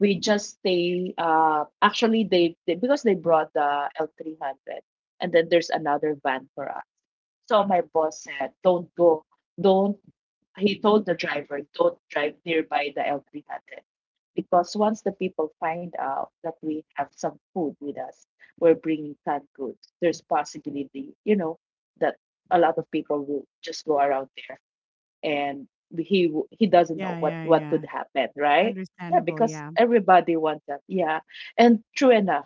[SPEAKER 2] we just stay actually they, because they brought the L300, and then there's another van for us. So my boss said, "Don't go. Don't, he told the driver, "Don't drive nearby the L300, because once the people find out that we have some food with us, we're bringing canned goods. There's possibility, you know, that a lot of people will just go around there, and he doesn't know
[SPEAKER 1] Yeah,
[SPEAKER 2] what
[SPEAKER 1] yeah,
[SPEAKER 2] what could
[SPEAKER 1] yeah.
[SPEAKER 2] happen, right? Yeah,
[SPEAKER 1] Understandable,
[SPEAKER 2] because
[SPEAKER 1] yeah.
[SPEAKER 2] everybody wants that. Yeah, and true enough,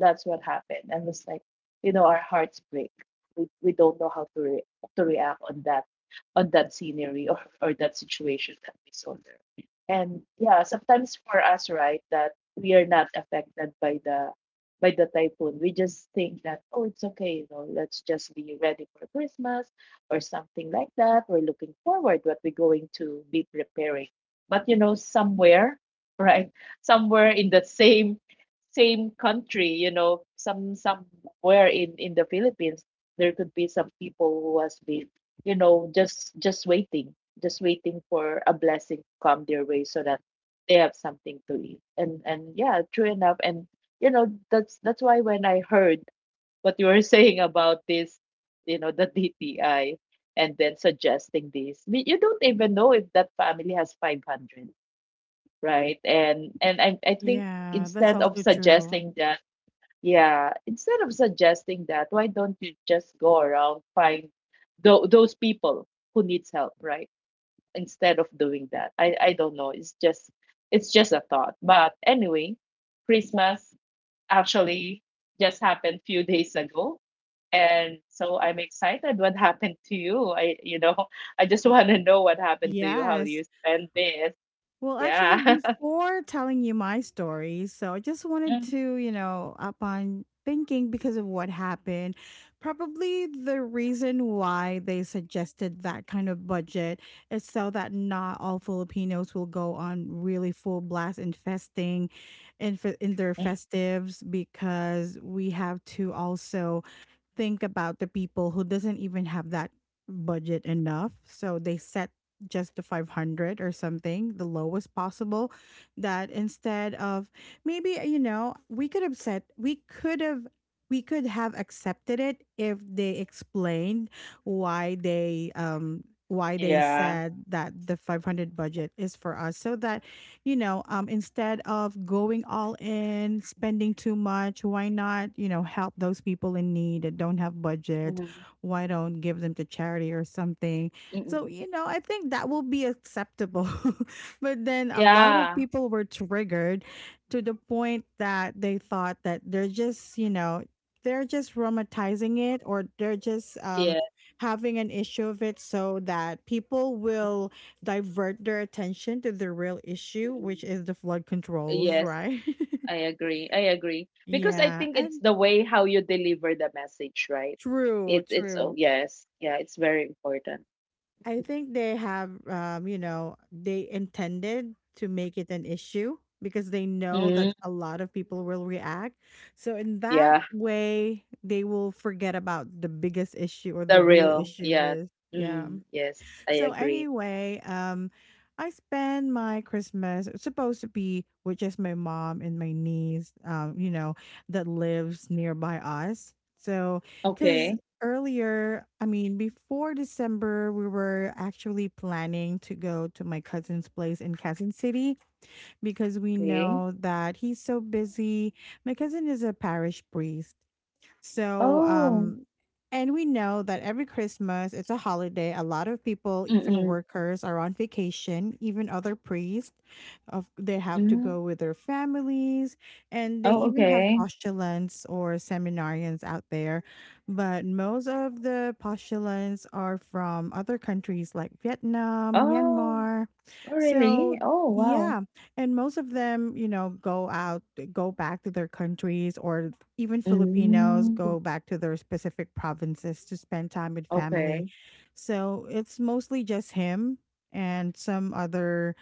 [SPEAKER 2] that's what happened. And was like, you know, our hearts break. We don't know how to to react on that, on that scenery, or that situation that we saw there. And yeah, sometimes for us, right, that we are not affected by the typhoon. We just think that, oh, it's okay, you know, let's just be ready for Christmas or something like that. We're looking forward what we're going to be preparing. But you know, somewhere, [LAUGHS] right, somewhere in the same country, you know, some somewhere in the Philippines, there could be some people who has been, you know, just, just waiting for a blessing to come their way so that they have something to eat. And yeah, true enough. And you know, that's why when I heard what you were [LAUGHS] saying about this, you know, the DTI, and then suggesting this, I mean, you don't even know if that family has 500, right? And I think
[SPEAKER 1] Yeah, that's
[SPEAKER 2] instead of
[SPEAKER 1] also true.
[SPEAKER 2] suggesting that, yeah, instead of suggesting that, why don't you just go around, find those people who needs help, right? Instead of doing that, I don't know. It's just, it's just a thought. But anyway, Christmas actually just happened few days ago, and so I'm excited. What happened to you? I You know, [LAUGHS] I just want to know what happened to you. How
[SPEAKER 1] Yes.
[SPEAKER 2] you spend this?
[SPEAKER 1] Well, actually,
[SPEAKER 2] Yeah. [LAUGHS]
[SPEAKER 1] before telling you my story, so I just wanted to, you know, upon thinking because of what happened, probably the reason why they suggested that kind of budget is so that not all Filipinos will go on really full blast in festing in, in their
[SPEAKER 2] Mhm.
[SPEAKER 1] festives because we have to also think about the people who doesn't even have that budget enough, so they set just the 500 or something, the lowest possible, that instead of maybe you know, we could have accepted it if they explained why they
[SPEAKER 2] Yeah.
[SPEAKER 1] said that the 500 budget is for us so that you know, instead of going all in, spending too much, why not, you know, help those people in need that don't have budget?
[SPEAKER 2] Mhm.
[SPEAKER 1] Why don't give them to charity or something?
[SPEAKER 2] Mm-mm.
[SPEAKER 1] So, you know, I think that will be acceptable. [LAUGHS] but then a lot of
[SPEAKER 2] Yeah.
[SPEAKER 1] people were triggered to the point that they thought that they're just, you know, they're just romanticizing it or they're just
[SPEAKER 2] Yeah.
[SPEAKER 1] having an issue of it so that people will divert their attention to the real issue, which is the flood controls,
[SPEAKER 2] Yes,
[SPEAKER 1] right?
[SPEAKER 2] I agree. I agree.
[SPEAKER 1] [LAUGHS]
[SPEAKER 2] Because I
[SPEAKER 1] yeah,
[SPEAKER 2] think it's
[SPEAKER 1] and
[SPEAKER 2] the way how you deliver the message, right? It's oh
[SPEAKER 1] true.
[SPEAKER 2] yes. Yeah, it's very important.
[SPEAKER 1] I think they have, you know, they intended to make it an issue because they know that
[SPEAKER 2] Mm,
[SPEAKER 1] a lot of people will react. So in that
[SPEAKER 2] yeah,
[SPEAKER 1] way, they will forget about the biggest issue or the
[SPEAKER 2] the
[SPEAKER 1] real
[SPEAKER 2] real.
[SPEAKER 1] issue
[SPEAKER 2] Yeah.
[SPEAKER 1] with, yeah.
[SPEAKER 2] Mm, yes, I
[SPEAKER 1] So
[SPEAKER 2] agree.
[SPEAKER 1] anyway, I spend my Christmas, it's supposed to be with just my mom and my niece, you know, that lives nearby us. So, because
[SPEAKER 2] Okay.
[SPEAKER 1] earlier, I mean, before December, we were actually planning to go to my cousin's place in Quezon City because we
[SPEAKER 2] Okay.
[SPEAKER 1] know that he's so busy. My cousin is a parish priest, so,
[SPEAKER 2] Oh.
[SPEAKER 1] and we know that every Christmas, it's a holiday. A lot of people, even
[SPEAKER 2] Mm-mm.
[SPEAKER 1] workers, are on vacation, even other priests. Of, they have to
[SPEAKER 2] Mm.
[SPEAKER 1] go with their families, and they
[SPEAKER 2] Oh,
[SPEAKER 1] even have
[SPEAKER 2] okay.
[SPEAKER 1] postulants or seminarians out there. But most of the postulants are from other countries like Vietnam,
[SPEAKER 2] Oh,
[SPEAKER 1] Myanmar.
[SPEAKER 2] oh,
[SPEAKER 1] So,
[SPEAKER 2] really? Oh, wow.
[SPEAKER 1] yeah, and most of them, you know, go out, eh, go back to their countries, or even Filipinos
[SPEAKER 2] Mm.
[SPEAKER 1] go back to their specific provinces to spend time with family.
[SPEAKER 2] Okay.
[SPEAKER 1] So it's mostly just him and some other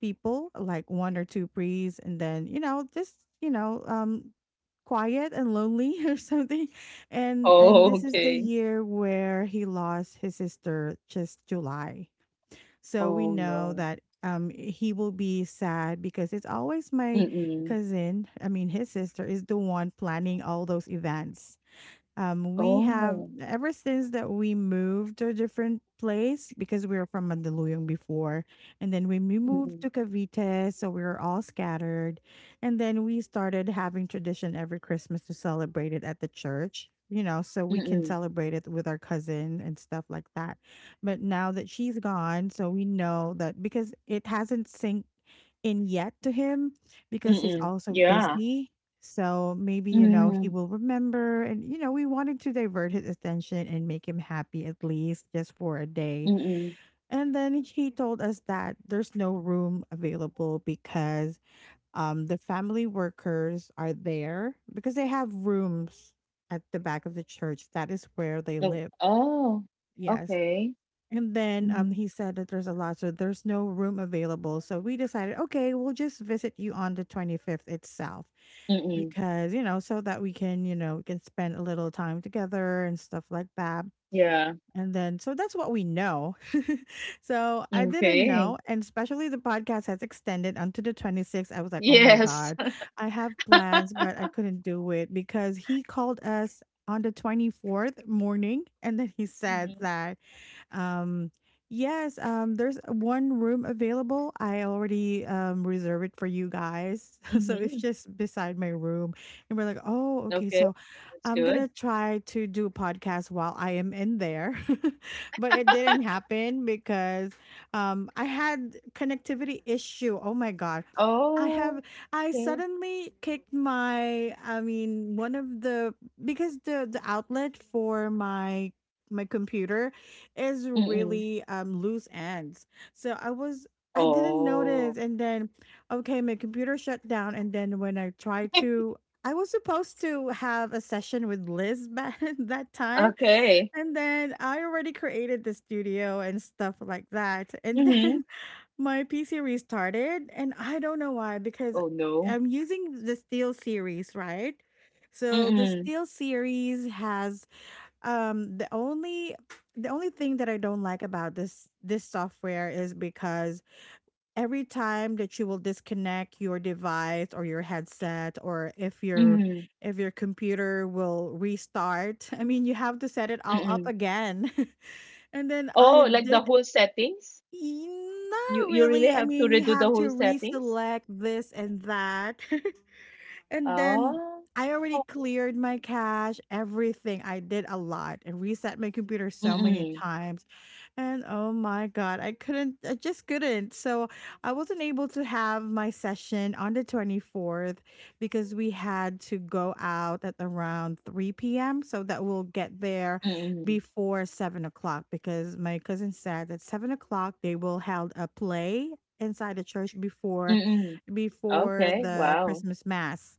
[SPEAKER 1] people, like one or two priests, and then, quiet and lonely [LAUGHS] or something. And
[SPEAKER 2] Oh,
[SPEAKER 1] this is the
[SPEAKER 2] okay.
[SPEAKER 1] year where he lost his sister just July, so we
[SPEAKER 2] Oh,
[SPEAKER 1] know
[SPEAKER 2] no.
[SPEAKER 1] that he will be sad because it's always my
[SPEAKER 2] Mm-mm.
[SPEAKER 1] cousin, I mean his sister is the one planning all those events. We have
[SPEAKER 2] Oh.
[SPEAKER 1] ever since that we moved to a different place because we were from Mandaluyong before, and then when we moved to Cavite, so we were all scattered, and then we started having tradition every Christmas to celebrate it at the church. You know, so we can
[SPEAKER 2] Mm-mm.
[SPEAKER 1] celebrate it with our cousin and stuff like that. But now that she's gone, so we know that because it hasn't synced in yet to him because he's
[SPEAKER 2] Mm,
[SPEAKER 1] also
[SPEAKER 2] yeah.
[SPEAKER 1] busy so maybe, you know, he
[SPEAKER 2] Mm,
[SPEAKER 1] will remember. And, you know, we wanted to divert his attention and make him happy at least just for a day.
[SPEAKER 2] mm.
[SPEAKER 1] And then he told us that there's no room available because the family workers are there because they have rooms at the back of the church. That is where they
[SPEAKER 2] No,
[SPEAKER 1] live.
[SPEAKER 2] oh,
[SPEAKER 1] Yes.
[SPEAKER 2] okay.
[SPEAKER 1] And then
[SPEAKER 2] Mhm, mm.
[SPEAKER 1] he said that there's a lot, so there's no room available. So we decided, okay, we'll just visit you on the 25th itself
[SPEAKER 2] Mm-mm.
[SPEAKER 1] because, you know, so that we can, you know, we can spend a little time together and stuff like that.
[SPEAKER 2] Yeah,
[SPEAKER 1] And then, so that's what we know. [LAUGHS] so I didn't
[SPEAKER 2] okay.
[SPEAKER 1] know. And especially the podcast has extended onto the 26th. I was like, oh my
[SPEAKER 2] Yes.
[SPEAKER 1] God, I have plans,
[SPEAKER 2] [LAUGHS]
[SPEAKER 1] but I couldn't do it because he called us on the 24th morning. And then he
[SPEAKER 2] Mhm,
[SPEAKER 1] said that um, yes, there's one room available. I already reserved it for you guys. [LAUGHS] So it's
[SPEAKER 2] mhm.
[SPEAKER 1] just beside my room. And we're like, oh, okay.
[SPEAKER 2] Okay,
[SPEAKER 1] So
[SPEAKER 2] that's
[SPEAKER 1] I'm going
[SPEAKER 2] good.
[SPEAKER 1] to try to do a podcast while I am in there. [LAUGHS] but it didn't happen because I had connectivity issue. Oh my God. I have
[SPEAKER 2] Oh,
[SPEAKER 1] I
[SPEAKER 2] okay.
[SPEAKER 1] suddenly kicked my, I mean one of the, because the outlet for my computer is
[SPEAKER 2] Mm.
[SPEAKER 1] really loose ends. So I didn't notice
[SPEAKER 2] Oh,
[SPEAKER 1] and then okay, my computer shut down and then when I tried to, I was supposed to have a session with Liz back [LAUGHS] that time
[SPEAKER 2] okay.
[SPEAKER 1] and then I already created the studio and stuff like that. And
[SPEAKER 2] Mhm.
[SPEAKER 1] then [LAUGHS] my PC restarted, and I don't know why because
[SPEAKER 2] Oh, no.
[SPEAKER 1] I'm using the Steel series, right? So the
[SPEAKER 2] Mm,
[SPEAKER 1] Steel series has the only, the only thing that I don't like about this software is because every time that you will disconnect your device or your headset or
[SPEAKER 2] mm,
[SPEAKER 1] if your computer will restart, [LAUGHS] I mean you have to set it all
[SPEAKER 2] mm.
[SPEAKER 1] up again. [LAUGHS] and then I
[SPEAKER 2] Oh, like the
[SPEAKER 1] did
[SPEAKER 2] whole settings?
[SPEAKER 1] not
[SPEAKER 2] You
[SPEAKER 1] really.
[SPEAKER 2] really
[SPEAKER 1] I
[SPEAKER 2] have
[SPEAKER 1] mean
[SPEAKER 2] to
[SPEAKER 1] you have
[SPEAKER 2] redo
[SPEAKER 1] to
[SPEAKER 2] the whole settings?
[SPEAKER 1] reselect this and that. [LAUGHS] And then
[SPEAKER 2] Oh.
[SPEAKER 1] I already cleared my cache, everything. I did a lot and reset my computer so many
[SPEAKER 2] Mm,
[SPEAKER 1] times. And oh my God, I just couldn't. So I wasn't able to have my session on the 24th because we had to go out at around 3 p.m. so that we'll get there
[SPEAKER 2] mm.
[SPEAKER 1] before 7 o'clock because my cousin said that 7 o'clock they will held a play inside the church before
[SPEAKER 2] Mm. Okay,
[SPEAKER 1] the
[SPEAKER 2] wow.
[SPEAKER 1] Christmas mass,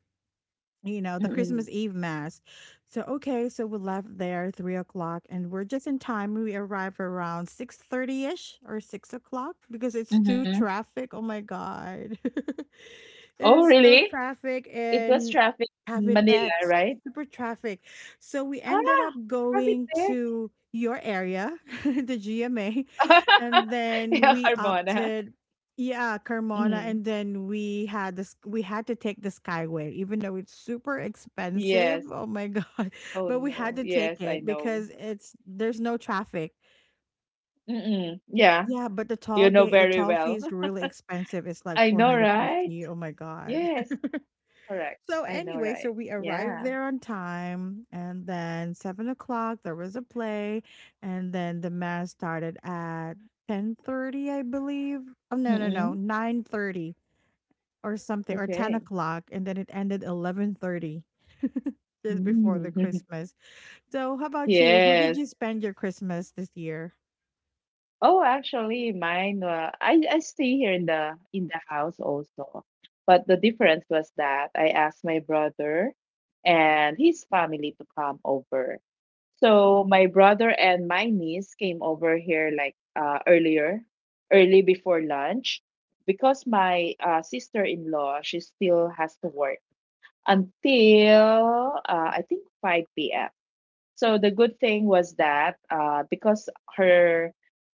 [SPEAKER 1] you know, the Christmas
[SPEAKER 2] Mm.
[SPEAKER 1] Eve mass. So okay, so we left there 3 o'clock, and we're just in time. We arrive around 6:30 ish or 6 o'clock because it's too
[SPEAKER 2] Mhm.
[SPEAKER 1] traffic. Oh my god! [LAUGHS] It
[SPEAKER 2] Oh,
[SPEAKER 1] is so
[SPEAKER 2] really?
[SPEAKER 1] traffic
[SPEAKER 2] It was
[SPEAKER 1] and
[SPEAKER 2] traffic in Manila,
[SPEAKER 1] Cavitex,
[SPEAKER 2] right?
[SPEAKER 1] super traffic. So we ended
[SPEAKER 2] Ah,
[SPEAKER 1] up
[SPEAKER 2] Krabi
[SPEAKER 1] going
[SPEAKER 2] Tex.
[SPEAKER 1] to your area, [LAUGHS] the GMA, and
[SPEAKER 2] [LAUGHS]
[SPEAKER 1] then
[SPEAKER 2] Yeah,
[SPEAKER 1] we
[SPEAKER 2] carbona.
[SPEAKER 1] opted, yeah, Carmona,
[SPEAKER 2] Mm.
[SPEAKER 1] and then we had this. We had to take the Skyway, even though it's super expensive.
[SPEAKER 2] Yes.
[SPEAKER 1] Oh my god! [LAUGHS]
[SPEAKER 2] Oh,
[SPEAKER 1] But we had
[SPEAKER 2] no.
[SPEAKER 1] to take
[SPEAKER 2] Yes, I
[SPEAKER 1] it
[SPEAKER 2] know.
[SPEAKER 1] because it's there's no traffic.
[SPEAKER 2] Mm-mm. Yeah,
[SPEAKER 1] Yeah, but the
[SPEAKER 2] you
[SPEAKER 1] toll
[SPEAKER 2] know
[SPEAKER 1] gate, the
[SPEAKER 2] very
[SPEAKER 1] toll fee
[SPEAKER 2] well.
[SPEAKER 1] is
[SPEAKER 2] [LAUGHS]
[SPEAKER 1] really expensive. It's like
[SPEAKER 2] I know, right?
[SPEAKER 1] 450. Oh my god.
[SPEAKER 2] Yes,
[SPEAKER 1] [LAUGHS]
[SPEAKER 2] correct.
[SPEAKER 1] So
[SPEAKER 2] I know,
[SPEAKER 1] anyway, so
[SPEAKER 2] right?
[SPEAKER 1] we arrived
[SPEAKER 2] Yeah.
[SPEAKER 1] there on time, and then 7 o'clock there was a play, and then the mass started at 10:30, I believe. Oh no, no, no,
[SPEAKER 2] Mm-mm.
[SPEAKER 1] 9:30 or something, or ten
[SPEAKER 2] Okay.
[SPEAKER 1] o'clock, and then it ended 11:30, [LAUGHS] just before the
[SPEAKER 2] Mm.
[SPEAKER 1] Christmas. So how
[SPEAKER 2] [LAUGHS]
[SPEAKER 1] about you? Who
[SPEAKER 2] Yes.
[SPEAKER 1] did you spend your Christmas this year?
[SPEAKER 2] Oh, actually, mine. I stay here in the house also, but the difference was that I asked my brother and his family to come over. So my brother and my niece came over here like earlier, early before lunch, because my sister-in-law she still has to work until I think 5 p.m. So the good thing was that because her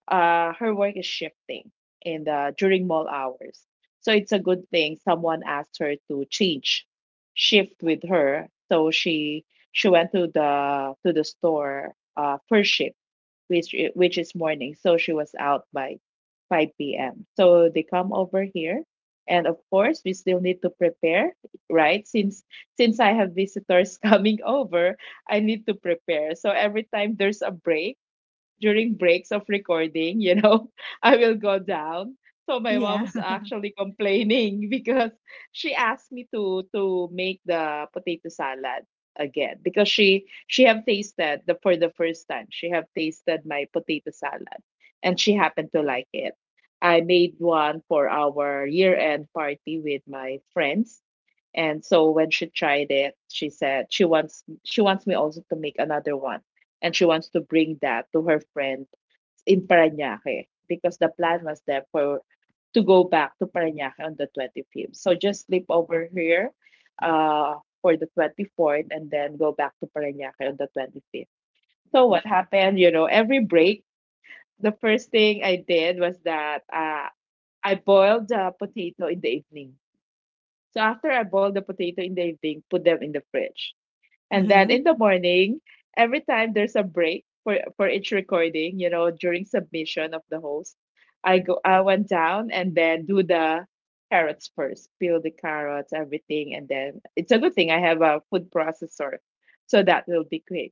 [SPEAKER 2] her work is shifting in the during mall hours, so it's a good thing someone asked her to change shift with her. She went to the store first shift which is morning. So she was out by 5 p.m. So they come over here, and of course we still need to prepare, right? Since I have visitors [LAUGHS] coming over, I need to prepare. So every time there's a break during breaks of recording, [LAUGHS] I will go down. So my
[SPEAKER 1] Yeah,
[SPEAKER 2] mom's
[SPEAKER 1] [LAUGHS]
[SPEAKER 2] actually complaining [LAUGHS] because she asked me to make the potato salad again because she have tasted the for the first time. She have tasted my potato salad and she happened to like it. I made one for our year-end party with my friends, and so when she tried it, she said she wants me also to make another one. And she wants to bring that to her friend in Parañaque because the plan was there for to go back to Parañaque on the 25th. So just sleep over here uh, for the 24th and then go back to Parañaque on the 25th. So what happened, you know, every break, the first thing I did was that I boiled the potato in the evening. So after I boil the potato in the evening, put them in the fridge. And then
[SPEAKER 1] hmm
[SPEAKER 2] in the morning, every time there's a break for each recording, you know, during submission of the host, I went down and then do the carrots first, peel the carrots, everything, and then it's a good thing I have a food processor. So that will be quick.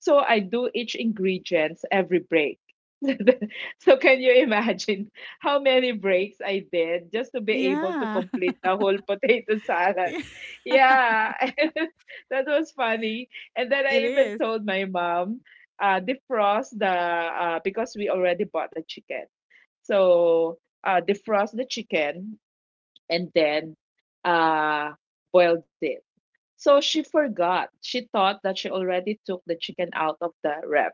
[SPEAKER 2] So I do each ingredients every break. [LAUGHS] So can you imagine how many breaks I did just to be able to
[SPEAKER 1] yeah,
[SPEAKER 2] complete the whole potato salad?
[SPEAKER 1] [LAUGHS] it
[SPEAKER 2] Yeah, [LAUGHS] that was funny. And then I even
[SPEAKER 1] is.
[SPEAKER 2] told my mom, defrost the because we already bought the chicken. So defrost the chicken and then uh, boiled it, so she forgot. She thought that she already took the chicken out of the wrap.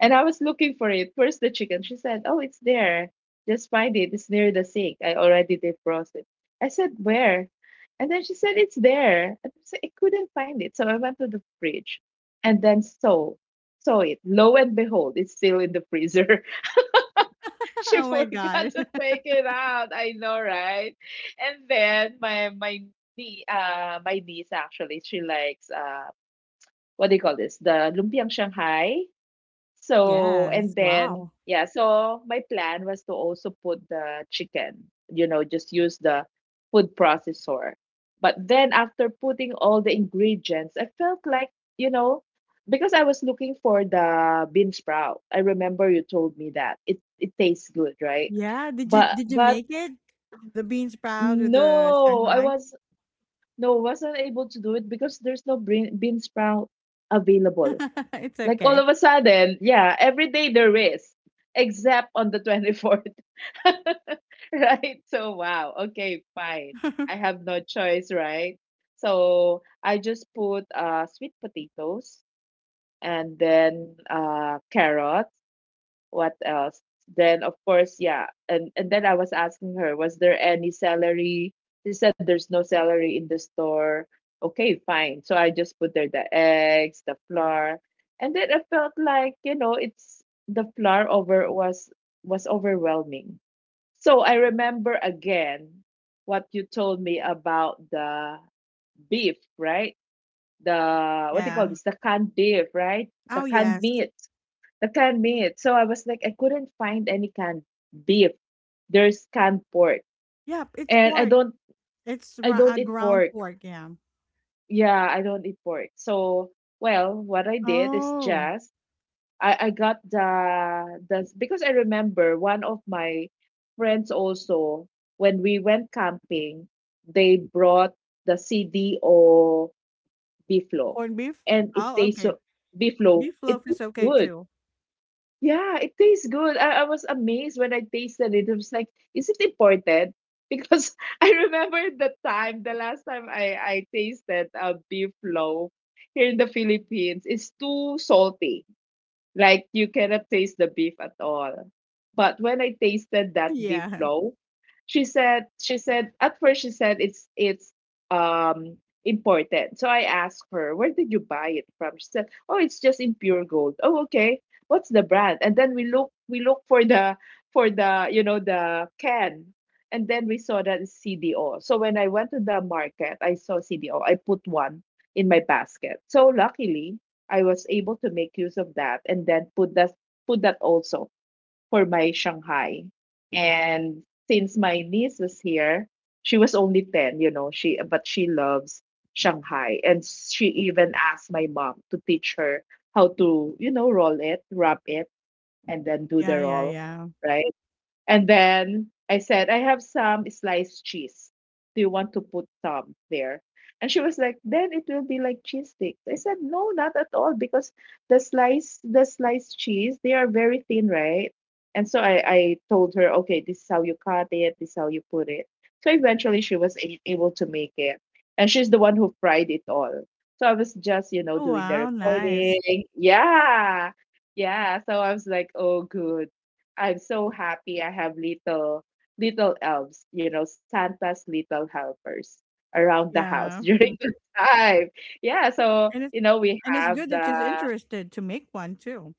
[SPEAKER 2] And I was looking for it. Where's the chicken? She said, "Oh, it's there. Just find it. It's near the sink. I already defrosted it." I said, "Where?" And then she said, "It's there." And I said, "I couldn't find it." So I went to the fridge and then saw it. Lo and behold, it's still in the freezer. [LAUGHS]
[SPEAKER 1] [LAUGHS]
[SPEAKER 2] She
[SPEAKER 1] Oh my
[SPEAKER 2] forgot
[SPEAKER 1] god.
[SPEAKER 2] to
[SPEAKER 1] [LAUGHS]
[SPEAKER 2] take it out. I know, right? And then my my niece, actually she likes uh, what do you call this? The Lumpiang Shanghai. So, and
[SPEAKER 1] Yes.
[SPEAKER 2] then,
[SPEAKER 1] Wow.
[SPEAKER 2] yeah, so my plan was to also put the chicken, you know, just use the food processor. But then after putting all the ingredients, I felt like, you know, because I was looking for the bean sprout. I remember you told me that. It tastes good, right?
[SPEAKER 1] Yeah, did you
[SPEAKER 2] But
[SPEAKER 1] make it? The bean sprout or the
[SPEAKER 2] no, I
[SPEAKER 1] Shanghai?
[SPEAKER 2] was no wasn't able to do it because there's no bean sprout available,
[SPEAKER 1] [LAUGHS] It's
[SPEAKER 2] like all
[SPEAKER 1] okay.
[SPEAKER 2] of a sudden, yeah, every day there is, except on the 24th. [LAUGHS] Right? So, wow. Okay, fine. I
[SPEAKER 1] [LAUGHS]
[SPEAKER 2] have no choice, right? So, I just put sweet potatoes and then carrot, what else? Then of course, yeah, and then I was asking her, was there any celery? She said there's no celery in the store. Okay, fine. So I just put there the eggs, the flour, and then I felt like, you know, it's the flour over was overwhelming. So I remember again what you told me about the beef, right? The what do you call
[SPEAKER 1] Yeah.
[SPEAKER 2] this? The canned beef, right? The
[SPEAKER 1] Oh,
[SPEAKER 2] canned
[SPEAKER 1] yes.
[SPEAKER 2] meat the canned meat. So I was like, I couldn't find any canned beef. There's canned pork,
[SPEAKER 1] Yep, it's
[SPEAKER 2] and
[SPEAKER 1] pork. It's
[SPEAKER 2] I don't eat
[SPEAKER 1] ground
[SPEAKER 2] pork.
[SPEAKER 1] pork, yeah.
[SPEAKER 2] Yeah, I don't eat pork. So well, what I did is
[SPEAKER 1] Oh,
[SPEAKER 2] just I got the because I remember one of my friends also when we went camping, they brought the CDO beeflo,
[SPEAKER 1] corned beef?
[SPEAKER 2] and it
[SPEAKER 1] Oh,
[SPEAKER 2] tastes
[SPEAKER 1] okay.
[SPEAKER 2] so beeflo.
[SPEAKER 1] Beef
[SPEAKER 2] It
[SPEAKER 1] loaf is
[SPEAKER 2] tastes
[SPEAKER 1] okay
[SPEAKER 2] good.
[SPEAKER 1] too.
[SPEAKER 2] Yeah, it tastes good. I was amazed when I tasted it. I was like, is it imported? [LAUGHS] Because I remember the time, the last time I tasted a beef loaf here in the Philippines, it's too salty. Like you cannot taste the beef at all. But when I tasted
[SPEAKER 1] [LAUGHS]
[SPEAKER 2] that beef
[SPEAKER 1] Yeah.
[SPEAKER 2] flow, she said at first she said it's um imported. So I asked her, where did you buy it from? She said, "Oh, it's just in Pure Gold." Oh, okay. What's the brand? And then we look for the you know the can. And then we saw that it's CDO. So when I went to the market, I saw CDO. I put one in my basket. So luckily, I was able to make use of that and then put that also for my Shanghai. And since my niece was here, she was only 10, you know, she but she loves Shanghai, and she even asked my mom to teach her how to, you know, roll it, wrap it, and then do the
[SPEAKER 1] Yeah, yeah,
[SPEAKER 2] roll,
[SPEAKER 1] yeah.
[SPEAKER 2] right? And then I said, I have some sliced cheese. Do you want to put some there? And she was like, then it will be like cheese sticks. I said, no, not at all, because the sliced cheese, they are very thin, right? And so I told her, okay, this is how you cut it, this is how you put it. So eventually she was able to make it. And she's the one who fried it all. So I was just, you know,
[SPEAKER 1] Oh,
[SPEAKER 2] doing the
[SPEAKER 1] wow, nice.
[SPEAKER 2] recording. Yeah. Yeah. So I was like, oh, good. I'm so happy I have little elves, you know, Santa's little helpers around the house [LAUGHS]
[SPEAKER 1] Yeah.
[SPEAKER 2] during the
[SPEAKER 1] [LAUGHS]
[SPEAKER 2] time. Yeah, so
[SPEAKER 1] And
[SPEAKER 2] you
[SPEAKER 1] it's
[SPEAKER 2] know we
[SPEAKER 1] and it's
[SPEAKER 2] have
[SPEAKER 1] good that she's
[SPEAKER 2] the.
[SPEAKER 1] interested to make one too.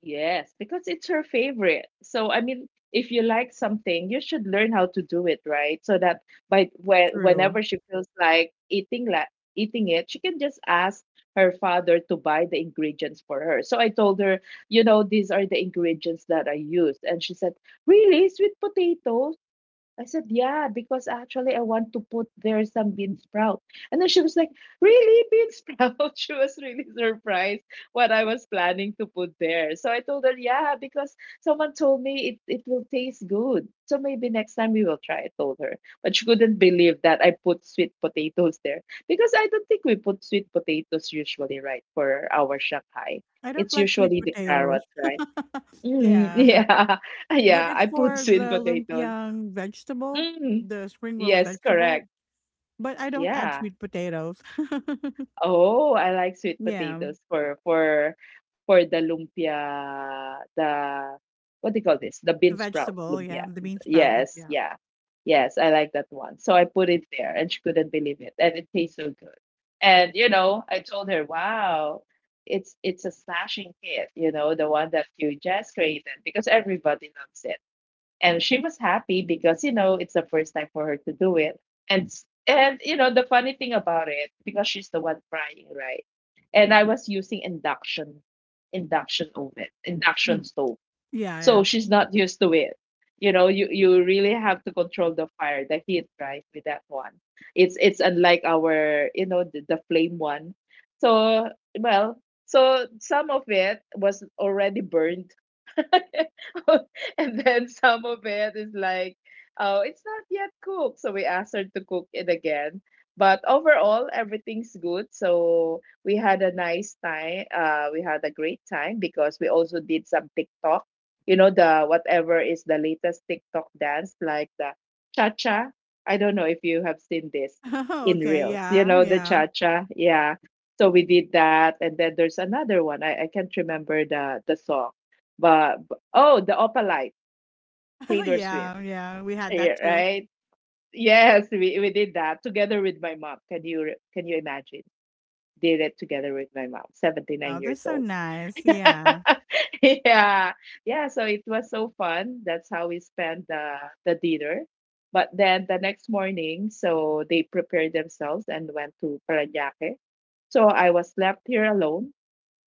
[SPEAKER 2] Yes, because it's her favorite. So I mean, if you like something, you should learn how to do it, right? So that by when
[SPEAKER 1] True.
[SPEAKER 2] whenever she feels like eating it, she can just ask her father to buy the ingredients for her. So I told her, you know, these are the ingredients that I used, and she said, "Really? Sweet potatoes?" I said, yeah, because actually I want to put there some bean sprout. And then she was like, really, bean sprout? [LAUGHS] She was really surprised what I was planning to put there. So I told her, yeah, because someone told me it will taste good. So maybe next time we will try, I told her. But she couldn't believe that I put sweet potatoes there because I don't think we put sweet potatoes usually, right, for our Shanghai.
[SPEAKER 1] I don't
[SPEAKER 2] It's
[SPEAKER 1] like sweet
[SPEAKER 2] usually the
[SPEAKER 1] potatoes.
[SPEAKER 2] carrots, right?
[SPEAKER 1] [LAUGHS]
[SPEAKER 2] Mm, [LAUGHS]
[SPEAKER 1] Yeah.
[SPEAKER 2] yeah,
[SPEAKER 1] But
[SPEAKER 2] yeah,
[SPEAKER 1] it's
[SPEAKER 2] I put
[SPEAKER 1] for
[SPEAKER 2] sweet
[SPEAKER 1] the
[SPEAKER 2] potatoes.
[SPEAKER 1] lumpiang vegetable,
[SPEAKER 2] Mm.
[SPEAKER 1] the spring rolled
[SPEAKER 2] Yes,
[SPEAKER 1] vegetable.
[SPEAKER 2] correct.
[SPEAKER 1] But I don't add
[SPEAKER 2] Yeah.
[SPEAKER 1] sweet potatoes. [LAUGHS]
[SPEAKER 2] Oh, I like sweet
[SPEAKER 1] yeah,
[SPEAKER 2] potatoes for for the lumpia, the what do you call this? The
[SPEAKER 1] the
[SPEAKER 2] bean sprout
[SPEAKER 1] vegetable. Yeah,
[SPEAKER 2] lumpia.
[SPEAKER 1] the bean sprout. Look,
[SPEAKER 2] Yes,
[SPEAKER 1] Yeah,
[SPEAKER 2] yeah. Yes, I like that one. So I put it there and she couldn't believe it. And it tastes so good. And you know, I told her, wow, it's a smashing hit, you know, the one that you just created because everybody loves it, and she was happy because you know it's the first time for her to do it. And you know the funny thing about it, because she's the one frying, right? And I was using induction oven, induction
[SPEAKER 1] mm,
[SPEAKER 2] stove,
[SPEAKER 1] yeah, yeah.
[SPEAKER 2] so she's not used to it. You know, you really have to control the fire, the heat, right, with that one. It's unlike our, you know, the flame one. So well, so some of it was already burned [LAUGHS] and then some of it is like, oh, it's not yet cooked. So we asked her to cook it again. But overall, everything's good. So we had a nice time. We had a great time because we also did some TikTok. You know, the whatever is the latest TikTok dance, like the cha cha. I don't know if you have seen this
[SPEAKER 1] [LAUGHS]
[SPEAKER 2] in
[SPEAKER 1] okay,
[SPEAKER 2] reels, you
[SPEAKER 1] yeah,
[SPEAKER 2] know, the
[SPEAKER 1] yeah,
[SPEAKER 2] cha cha. Yeah. So we did that. And then there's another one. I can't remember the song, but oh, the Opalite,
[SPEAKER 1] [LAUGHS]
[SPEAKER 2] Taylor Swift,
[SPEAKER 1] yeah, yeah. We had
[SPEAKER 2] eh,
[SPEAKER 1] that too.
[SPEAKER 2] right? Yes, we did that together with my mom. Can you can you imagine? Did it together with my mom, 79
[SPEAKER 1] Oh, that's
[SPEAKER 2] years
[SPEAKER 1] so
[SPEAKER 2] old.
[SPEAKER 1] nice.
[SPEAKER 2] [LAUGHS]
[SPEAKER 1] Yeah,
[SPEAKER 2] Yeah. Yeah, so it was so fun. That's how we spent the dinner. But then the next morning, so they prepared themselves and went to Parañaque. So I was left here alone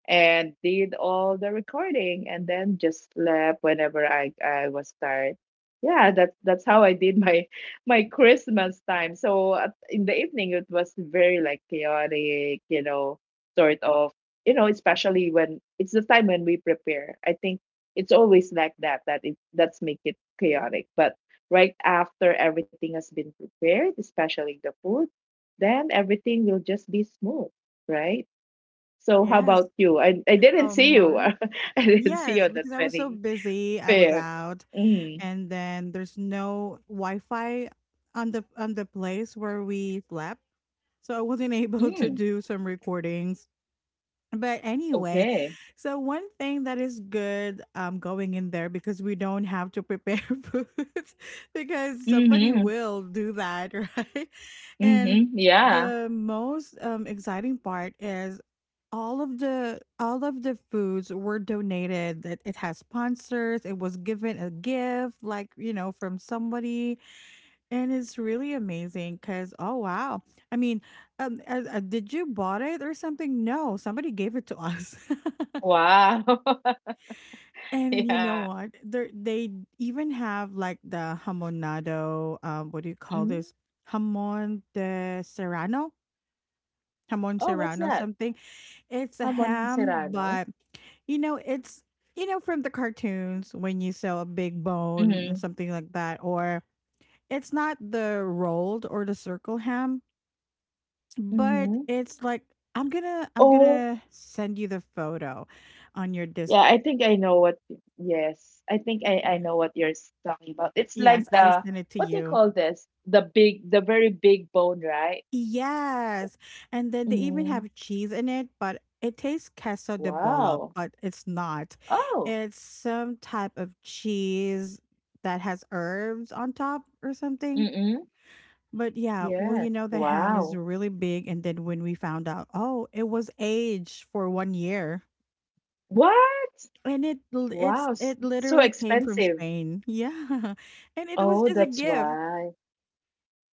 [SPEAKER 2] and did all the recording and then just slept whenever I was tired. Yeah, that's how I did my [LAUGHS] my Christmas time. So in the evening it was very chaotic, sort of, especially when it's the time when we prepare. I think it's always like that that it that's make it chaotic. But right after everything has been prepared, especially the food, then everything will just be smooth, right? So how
[SPEAKER 1] yes.
[SPEAKER 2] about you? I didn't
[SPEAKER 1] Oh
[SPEAKER 2] see you. [LAUGHS]
[SPEAKER 1] my,
[SPEAKER 2] I didn't see you
[SPEAKER 1] yes.
[SPEAKER 2] on the
[SPEAKER 1] Because I was so busy, I was
[SPEAKER 2] 25th.
[SPEAKER 1] out,
[SPEAKER 2] Mm.
[SPEAKER 1] and then there's no Wi-Fi on the place where we slept. So I wasn't [LAUGHS] able to
[SPEAKER 2] Mm.
[SPEAKER 1] do some recordings. But anyway,
[SPEAKER 2] Okay.
[SPEAKER 1] so one thing that is good going in there because we don't have to prepare [LAUGHS] food because somebody
[SPEAKER 2] Mm-hmm.
[SPEAKER 1] will do that, [LAUGHS] right? And
[SPEAKER 2] Mm-hmm. Yeah.
[SPEAKER 1] the most exciting part is all of the foods were donated, that it has sponsors, it was given a gift, like, you know, from somebody. And it's really amazing because, oh wow, I mean, did you bought it or something? No, somebody gave it to us.
[SPEAKER 2] Wow. [LAUGHS]
[SPEAKER 1] [LAUGHS] And you know
[SPEAKER 2] Yeah.
[SPEAKER 1] what? They even have like the hamonado. What do you call
[SPEAKER 2] Mm-hmm.
[SPEAKER 1] this? Hamon de serrano, hamon
[SPEAKER 2] Oh, what's
[SPEAKER 1] serrano,
[SPEAKER 2] that?
[SPEAKER 1] something. It's a
[SPEAKER 2] Jamon
[SPEAKER 1] ham,
[SPEAKER 2] serrano.
[SPEAKER 1] but you know it's, you know, from the cartoons when you sell a big bone
[SPEAKER 2] Mm-hmm.
[SPEAKER 1] and something like that. Or it's not the rolled or the circle ham, but
[SPEAKER 2] Mm-hmm.
[SPEAKER 1] it's like, I'm gonna I'm
[SPEAKER 2] Oh,
[SPEAKER 1] gonna send you the photo on your
[SPEAKER 2] yeah.
[SPEAKER 1] Discord.
[SPEAKER 2] I think I know what. Yes, I think I know what you're talking about. It's
[SPEAKER 1] Yes,
[SPEAKER 2] like
[SPEAKER 1] I
[SPEAKER 2] the
[SPEAKER 1] sent it to
[SPEAKER 2] what do you
[SPEAKER 1] you.
[SPEAKER 2] call this? The big, the very big bone, right?
[SPEAKER 1] Yes. And then they even
[SPEAKER 2] Mm-hmm.
[SPEAKER 1] have cheese in it, but it tastes queso de bola,
[SPEAKER 2] Wow.
[SPEAKER 1] but it's not.
[SPEAKER 2] Oh.
[SPEAKER 1] It's some type of cheese that has herbs on top or something.
[SPEAKER 2] Mm-hmm.
[SPEAKER 1] But yeah, well,
[SPEAKER 2] Yeah.
[SPEAKER 1] you know, the ham is
[SPEAKER 2] Wow.
[SPEAKER 1] really big. And then when we found out, oh, it was aged for 1 year.
[SPEAKER 2] What?
[SPEAKER 1] And it l it's
[SPEAKER 2] Wow.
[SPEAKER 1] it
[SPEAKER 2] So
[SPEAKER 1] literally came from
[SPEAKER 2] expensive.
[SPEAKER 1] Spain. Yeah, [LAUGHS] and it was
[SPEAKER 2] Oh,
[SPEAKER 1] just a
[SPEAKER 2] that's
[SPEAKER 1] gift.
[SPEAKER 2] why.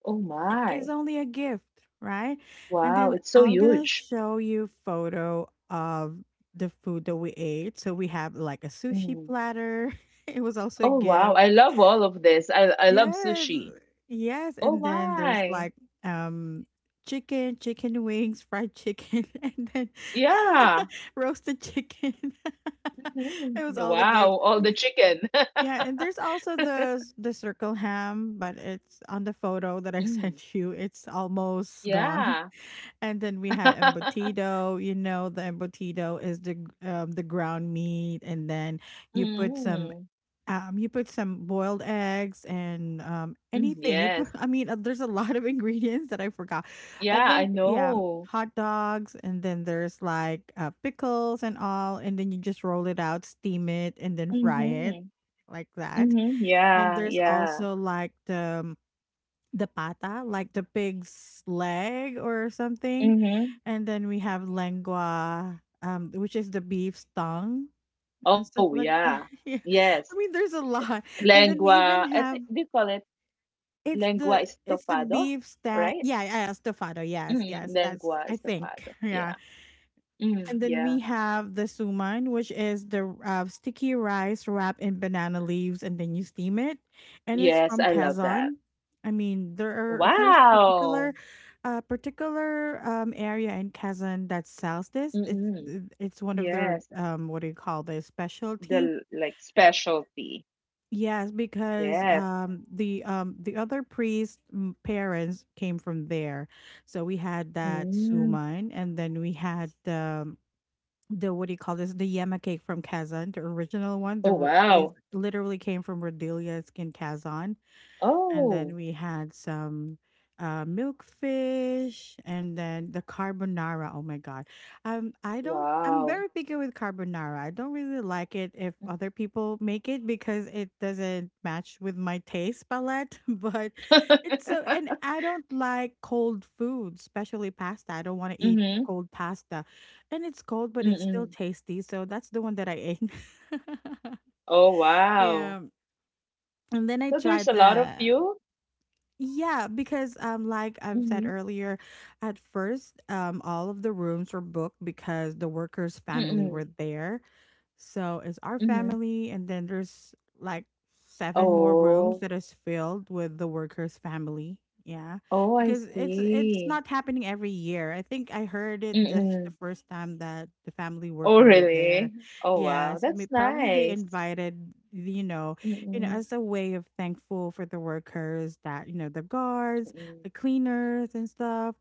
[SPEAKER 2] Oh
[SPEAKER 1] I, it's
[SPEAKER 2] my.
[SPEAKER 1] only a gift, right? And
[SPEAKER 2] Wow.
[SPEAKER 1] then
[SPEAKER 2] It's so
[SPEAKER 1] I'm gonna
[SPEAKER 2] huge.
[SPEAKER 1] show you photo of the food that we ate. So we have like a sushi
[SPEAKER 2] Mm.
[SPEAKER 1] platter. [LAUGHS] It was also a
[SPEAKER 2] Oh wow.
[SPEAKER 1] gift.
[SPEAKER 2] I love all of this. I love
[SPEAKER 1] Yes.
[SPEAKER 2] sushi.
[SPEAKER 1] Yes,
[SPEAKER 2] Oh
[SPEAKER 1] and then there's
[SPEAKER 2] my.
[SPEAKER 1] like um chicken, chicken wings, fried chicken, [LAUGHS] and then
[SPEAKER 2] Yeah.
[SPEAKER 1] [LAUGHS] roasted chicken. [LAUGHS]
[SPEAKER 2] Mhm.
[SPEAKER 1] It was all the
[SPEAKER 2] Wow.
[SPEAKER 1] gift.
[SPEAKER 2] All the chicken. [LAUGHS]
[SPEAKER 1] Yeah, and there's also the the circle ham, but it's on the photo that I [LAUGHS]
[SPEAKER 2] Mm.
[SPEAKER 1] sent you. It's almost gone.
[SPEAKER 2] Yeah.
[SPEAKER 1] [LAUGHS] And then we had
[SPEAKER 2] [LAUGHS]
[SPEAKER 1] embutido. You know, the embutido is the the ground meat, and then you put some
[SPEAKER 2] Mm.
[SPEAKER 1] you put some boiled eggs and
[SPEAKER 2] Mm.
[SPEAKER 1] anything. You put,
[SPEAKER 2] Yes.
[SPEAKER 1] [LAUGHS] I mean, there's a lot of [LAUGHS] ingredients that I forgot. I
[SPEAKER 2] Yeah, I
[SPEAKER 1] think, yeah,
[SPEAKER 2] know.
[SPEAKER 1] hot dogs, and then there's like pickles and all, and then you just roll it out, steam it, and then fry it
[SPEAKER 2] Mm-hmm.
[SPEAKER 1] like that.
[SPEAKER 2] Mm-hmm.
[SPEAKER 1] And
[SPEAKER 2] Yeah.
[SPEAKER 1] there's
[SPEAKER 2] Yeah.
[SPEAKER 1] also like the pata, like the pig's leg or something,
[SPEAKER 2] Mm-hmm.
[SPEAKER 1] and then we have lengua, which is the beef's tongue and stuff
[SPEAKER 2] Oh,
[SPEAKER 1] like that.
[SPEAKER 2] yeah.
[SPEAKER 1] [LAUGHS] Yeah. I
[SPEAKER 2] Yes.
[SPEAKER 1] mean, there's a lot. And then we even
[SPEAKER 2] Lengua, I
[SPEAKER 1] have,
[SPEAKER 2] think they call it lengua
[SPEAKER 1] it's the
[SPEAKER 2] estofado,
[SPEAKER 1] beef stand.
[SPEAKER 2] right?
[SPEAKER 1] Yeah, yeah, yeah, estofado. Yes,
[SPEAKER 2] Mm,
[SPEAKER 1] yes, that's
[SPEAKER 2] lengua
[SPEAKER 1] I think.
[SPEAKER 2] estofado.
[SPEAKER 1] [LAUGHS]
[SPEAKER 2] Yeah.
[SPEAKER 1] Yeah.
[SPEAKER 2] Mm,
[SPEAKER 1] And then
[SPEAKER 2] yeah.
[SPEAKER 1] we have the suman, which is the sticky rice wrapped in banana leaves, and then you steam it. And it's
[SPEAKER 2] Yes,
[SPEAKER 1] from
[SPEAKER 2] I love that.
[SPEAKER 1] Kazan. I mean, there's particular
[SPEAKER 2] Wow.
[SPEAKER 1] particular area in Kazan that sells this.
[SPEAKER 2] Mm-mm.
[SPEAKER 1] It's one of their,
[SPEAKER 2] Yes.
[SPEAKER 1] um, what do you call this, specialty.
[SPEAKER 2] The like specialty.
[SPEAKER 1] Yes, because
[SPEAKER 2] Yes.
[SPEAKER 1] the other priest, mm, parents came from there, so we had that
[SPEAKER 2] Mm.
[SPEAKER 1] suman, and then we had the, what do you call this, the yema cake from Kazan, the original one. The
[SPEAKER 2] Oh,
[SPEAKER 1] it
[SPEAKER 2] wow.
[SPEAKER 1] literally came from Rodelia's in Kazan, and then
[SPEAKER 2] Oh,
[SPEAKER 1] we had some milk fish, and then the carbonara. Oh my god, I don't. I'm very
[SPEAKER 2] wow.
[SPEAKER 1] picky with carbonara. I don't really like it if other
[SPEAKER 2] Mm-hmm.
[SPEAKER 1] people make it because it doesn't match with my taste palette. [LAUGHS] But it's so, and
[SPEAKER 2] [LAUGHS]
[SPEAKER 1] I don't like cold food, especially pasta. I don't want to eat
[SPEAKER 2] Mm-hmm.
[SPEAKER 1] cold pasta, and it's cold, but it's still
[SPEAKER 2] Mm-mm.
[SPEAKER 1] tasty. So that's the one that I ate.
[SPEAKER 2] Oh,
[SPEAKER 1] [LAUGHS]
[SPEAKER 2] wow.
[SPEAKER 1] Yeah, and then I
[SPEAKER 2] So there's
[SPEAKER 1] tried
[SPEAKER 2] a lot of
[SPEAKER 1] the,
[SPEAKER 2] you?
[SPEAKER 1] yeah, because like I've said
[SPEAKER 2] Mm-hmm.
[SPEAKER 1] earlier, at first all of the rooms were booked because the workers' family
[SPEAKER 2] Mm-mm.
[SPEAKER 1] were there. So it's our
[SPEAKER 2] Mm-hmm.
[SPEAKER 1] family, and then there's like seven more rooms
[SPEAKER 2] Oh.
[SPEAKER 1] that is filled with the workers' family. Yeah,
[SPEAKER 2] Oh, I
[SPEAKER 1] because it's
[SPEAKER 2] see.
[SPEAKER 1] not happening every year. I think I heard it just the
[SPEAKER 2] Mm-mm.
[SPEAKER 1] first time that the family
[SPEAKER 2] Oh,
[SPEAKER 1] worker were there.
[SPEAKER 2] really? Oh, wow.
[SPEAKER 1] Yes, may-
[SPEAKER 2] That's
[SPEAKER 1] probably they
[SPEAKER 2] nice.
[SPEAKER 1] invited, you know,
[SPEAKER 2] Mm-mm.
[SPEAKER 1] as a way of thankful for the workers, that, you know, the guards, the
[SPEAKER 2] Mm-mm.
[SPEAKER 1] cleaners, and stuff.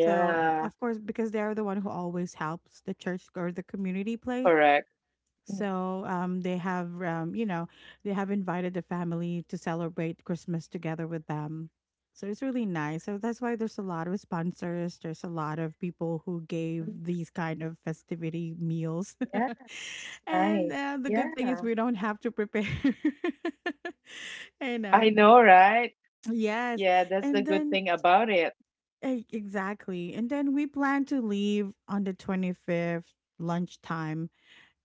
[SPEAKER 1] So, of course, because they are the one who always helps the church or the community place,
[SPEAKER 2] correct. Mhm.
[SPEAKER 1] so they have, you know, they have invited the family to celebrate Christmas together with them. So it's really nice. So that's why there's a lot of sponsors. There's a lot of people who gave these kind of festivity meals.
[SPEAKER 2] Yeah, this is
[SPEAKER 1] [LAUGHS] And
[SPEAKER 2] nice.
[SPEAKER 1] the good thing is
[SPEAKER 2] Yeah,
[SPEAKER 1] we don't have to prepare. [LAUGHS] You
[SPEAKER 2] I
[SPEAKER 1] know,
[SPEAKER 2] know, right?
[SPEAKER 1] yes.
[SPEAKER 2] Yeah, that's the
[SPEAKER 1] And
[SPEAKER 2] good
[SPEAKER 1] then,
[SPEAKER 2] thing about it.
[SPEAKER 1] eh, exactly. And then we plan to leave on the 25th lunchtime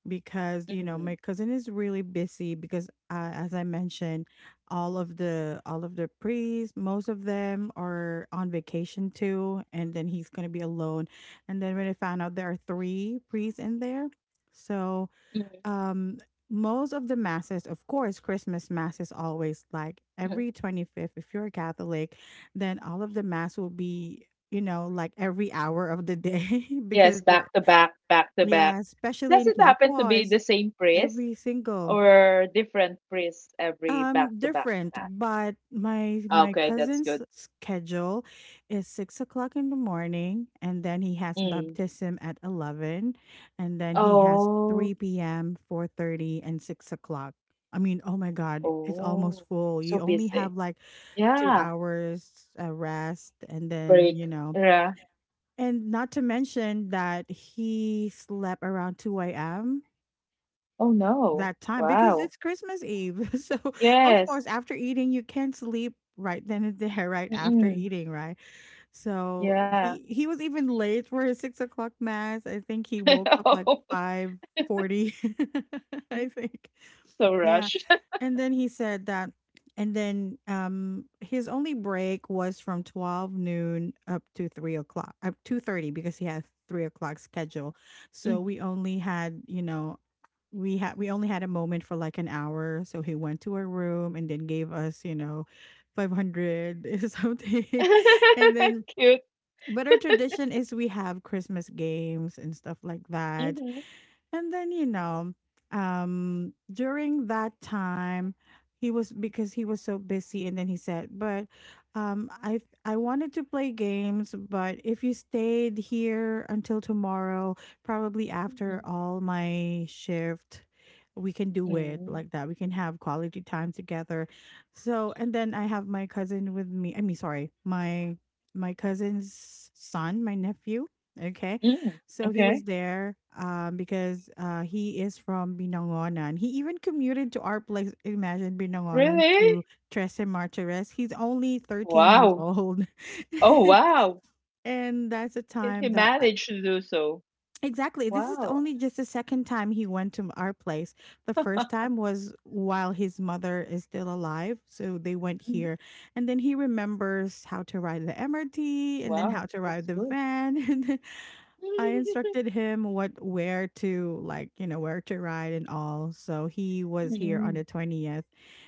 [SPEAKER 1] because, you know, my
[SPEAKER 2] Mm-hmm.
[SPEAKER 1] cousin is really busy because, as I mentioned, all of the priests, most of them are on vacation too, and then he's going to be alone. And then when I found out there are three priests in there, so,
[SPEAKER 2] Mm-hmm.
[SPEAKER 1] um, most of the masses, of course Christmas mass is always like every 25th if you're a Catholic, then all of the mass will be, you know, like every hour of the day [LAUGHS]
[SPEAKER 2] Yes,
[SPEAKER 1] because they're,
[SPEAKER 2] back to back, back to
[SPEAKER 1] yeah,
[SPEAKER 2] back.
[SPEAKER 1] especially
[SPEAKER 2] Does
[SPEAKER 1] in
[SPEAKER 2] it happen to
[SPEAKER 1] Quiapo
[SPEAKER 2] be
[SPEAKER 1] is
[SPEAKER 2] the same priest
[SPEAKER 1] every single,
[SPEAKER 2] or different priest every back to back?
[SPEAKER 1] different.
[SPEAKER 2] Back?
[SPEAKER 1] But my
[SPEAKER 2] Okay, that's
[SPEAKER 1] cousin's
[SPEAKER 2] good.
[SPEAKER 1] schedule is 6 o'clock in the morning, and then he has
[SPEAKER 2] Mm.
[SPEAKER 1] baptism at 11, and then he has
[SPEAKER 2] Oh.
[SPEAKER 1] three p.m., four thirty, and six o'clock. I mean, oh my God, it's almost
[SPEAKER 2] Oh,
[SPEAKER 1] full. You
[SPEAKER 2] so
[SPEAKER 1] only
[SPEAKER 2] busy.
[SPEAKER 1] have like two
[SPEAKER 2] Yeah.
[SPEAKER 1] hours rest, and then,
[SPEAKER 2] Break.
[SPEAKER 1] you know,
[SPEAKER 2] Yeah.
[SPEAKER 1] and not to mention that he slept around two a.m.
[SPEAKER 2] Oh no.
[SPEAKER 1] that time because
[SPEAKER 2] Wow.
[SPEAKER 1] it's Christmas Eve. [LAUGHS] So, of
[SPEAKER 2] Yes.
[SPEAKER 1] course, after eating, you can't sleep right then and there, right after
[SPEAKER 2] Mm-mm.
[SPEAKER 1] eating, right? So
[SPEAKER 2] Yeah.
[SPEAKER 1] he was even late for his 6 o'clock mass. I think he
[SPEAKER 2] [LAUGHS]
[SPEAKER 1] woke up like
[SPEAKER 2] Oh,
[SPEAKER 1] 5:40. [LAUGHS] I think,
[SPEAKER 2] so
[SPEAKER 1] yeah.
[SPEAKER 2] rush. [LAUGHS]
[SPEAKER 1] And then he said that, and then his only break was from 12 noon up to 3 o'clock, up 2:30 because he had 3 o'clock schedule. So
[SPEAKER 2] Mhm.
[SPEAKER 1] we only had, you know, we only had a moment for like an hour, so he went to our room and then gave us, you know, 500 [LAUGHS] something. And then,
[SPEAKER 2] [LAUGHS] Cute.
[SPEAKER 1] but our tradition is we have Christmas games and stuff like that.
[SPEAKER 2] Mm-hmm.
[SPEAKER 1] And then, you know, during that time, he was, because he was so busy, and then he said, "But I wanted to play games, but if you stayed here until tomorrow, probably after
[SPEAKER 2] Mm-hmm.
[SPEAKER 1] all my shift, we can do it like that. We can have quality time together." So, and then I have my cousin with me. I mean, sorry, my cousin's son, my nephew. Okay,
[SPEAKER 2] Mm-hmm.
[SPEAKER 1] so he
[SPEAKER 2] Okay.
[SPEAKER 1] was there, because, he is from Binangonan. He even commuted to our place. Imagine Binangonan to
[SPEAKER 2] Really?
[SPEAKER 1] Tres Martires. He's only 13 years
[SPEAKER 2] Wow.
[SPEAKER 1] old.
[SPEAKER 2] Oh, wow.
[SPEAKER 1] [LAUGHS] And that's a
[SPEAKER 2] He
[SPEAKER 1] time that I,
[SPEAKER 2] managed to do so.
[SPEAKER 1] exactly this is
[SPEAKER 2] Wow.
[SPEAKER 1] only just the second time he went to our place. The first time was while his mother is still alive, so they went
[SPEAKER 2] Mhm.
[SPEAKER 1] here. And then he remembers how to ride the MRT and then how
[SPEAKER 2] Wow.
[SPEAKER 1] to ride
[SPEAKER 2] That's
[SPEAKER 1] the
[SPEAKER 2] good.
[SPEAKER 1] van. [LAUGHS] I instructed
[SPEAKER 2] [LAUGHS]
[SPEAKER 1] him what, where to, like, you know, where to ride and all. So he was here on
[SPEAKER 2] Mm-hmm.
[SPEAKER 1] the 20th,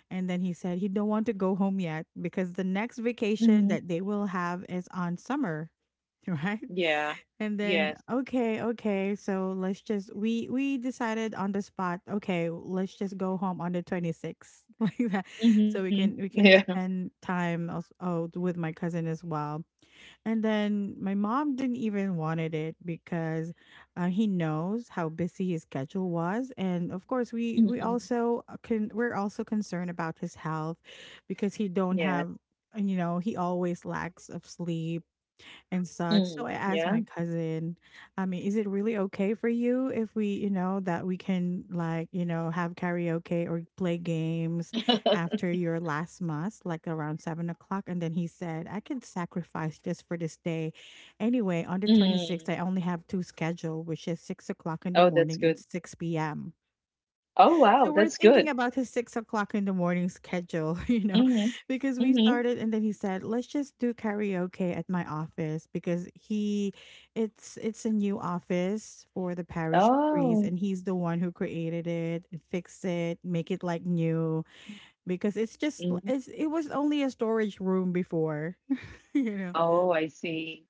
[SPEAKER 1] and then he said he don't want to go home yet because the next vacation
[SPEAKER 2] Mm-hmm.
[SPEAKER 1] that they will have is on summer, [LAUGHS] right?
[SPEAKER 2] Yeah.
[SPEAKER 1] And then,
[SPEAKER 2] Yes.
[SPEAKER 1] okay, okay, so let's just, we decided on the spot, okay, let's just go home on the 26th [LAUGHS] like that.
[SPEAKER 2] Mm-hmm.
[SPEAKER 1] So we can,
[SPEAKER 2] [LAUGHS]
[SPEAKER 1] we
[SPEAKER 2] Yeah.
[SPEAKER 1] can spend time also, oh, with my cousin as well. And then my mom didn't even wanted it because, he knows how busy his schedule was, and of course we
[SPEAKER 2] Mm-mm.
[SPEAKER 1] also can we're also concerned about his health because he don't
[SPEAKER 2] Yes.
[SPEAKER 1] have, you know, he always lacks of sleep and such. So
[SPEAKER 2] Mm.
[SPEAKER 1] I asked
[SPEAKER 2] Yeah.
[SPEAKER 1] my cousin, I mean, is it really okay for you if we, you know, that we can, like, you know, have karaoke or play games
[SPEAKER 2] [LAUGHS]
[SPEAKER 1] after your last mass, like around 7 o'clock? And then he said, I can sacrifice just for this day. Anyway, on the
[SPEAKER 2] Mm.
[SPEAKER 1] 26th, I only have two schedule, which is 6 o'clock in
[SPEAKER 2] Oh,
[SPEAKER 1] the
[SPEAKER 2] that's
[SPEAKER 1] morning and
[SPEAKER 2] good.
[SPEAKER 1] 6 p.m.
[SPEAKER 2] Oh, wow,
[SPEAKER 1] So we're
[SPEAKER 2] that's
[SPEAKER 1] thinking
[SPEAKER 2] good.
[SPEAKER 1] about his 6 o'clock in the morning schedule, [LAUGHS] you know,
[SPEAKER 2] Mm-hmm.
[SPEAKER 1] because we
[SPEAKER 2] Mm-hmm.
[SPEAKER 1] started and then he said, "Let's just do karaoke at my office because he, it's a new office for the parish priest,
[SPEAKER 2] Oh.
[SPEAKER 1] and he's the one who created it, fixed it, make it like new because
[SPEAKER 2] Mm.
[SPEAKER 1] it was only a storage room before, [LAUGHS] you know."
[SPEAKER 2] Oh, I see.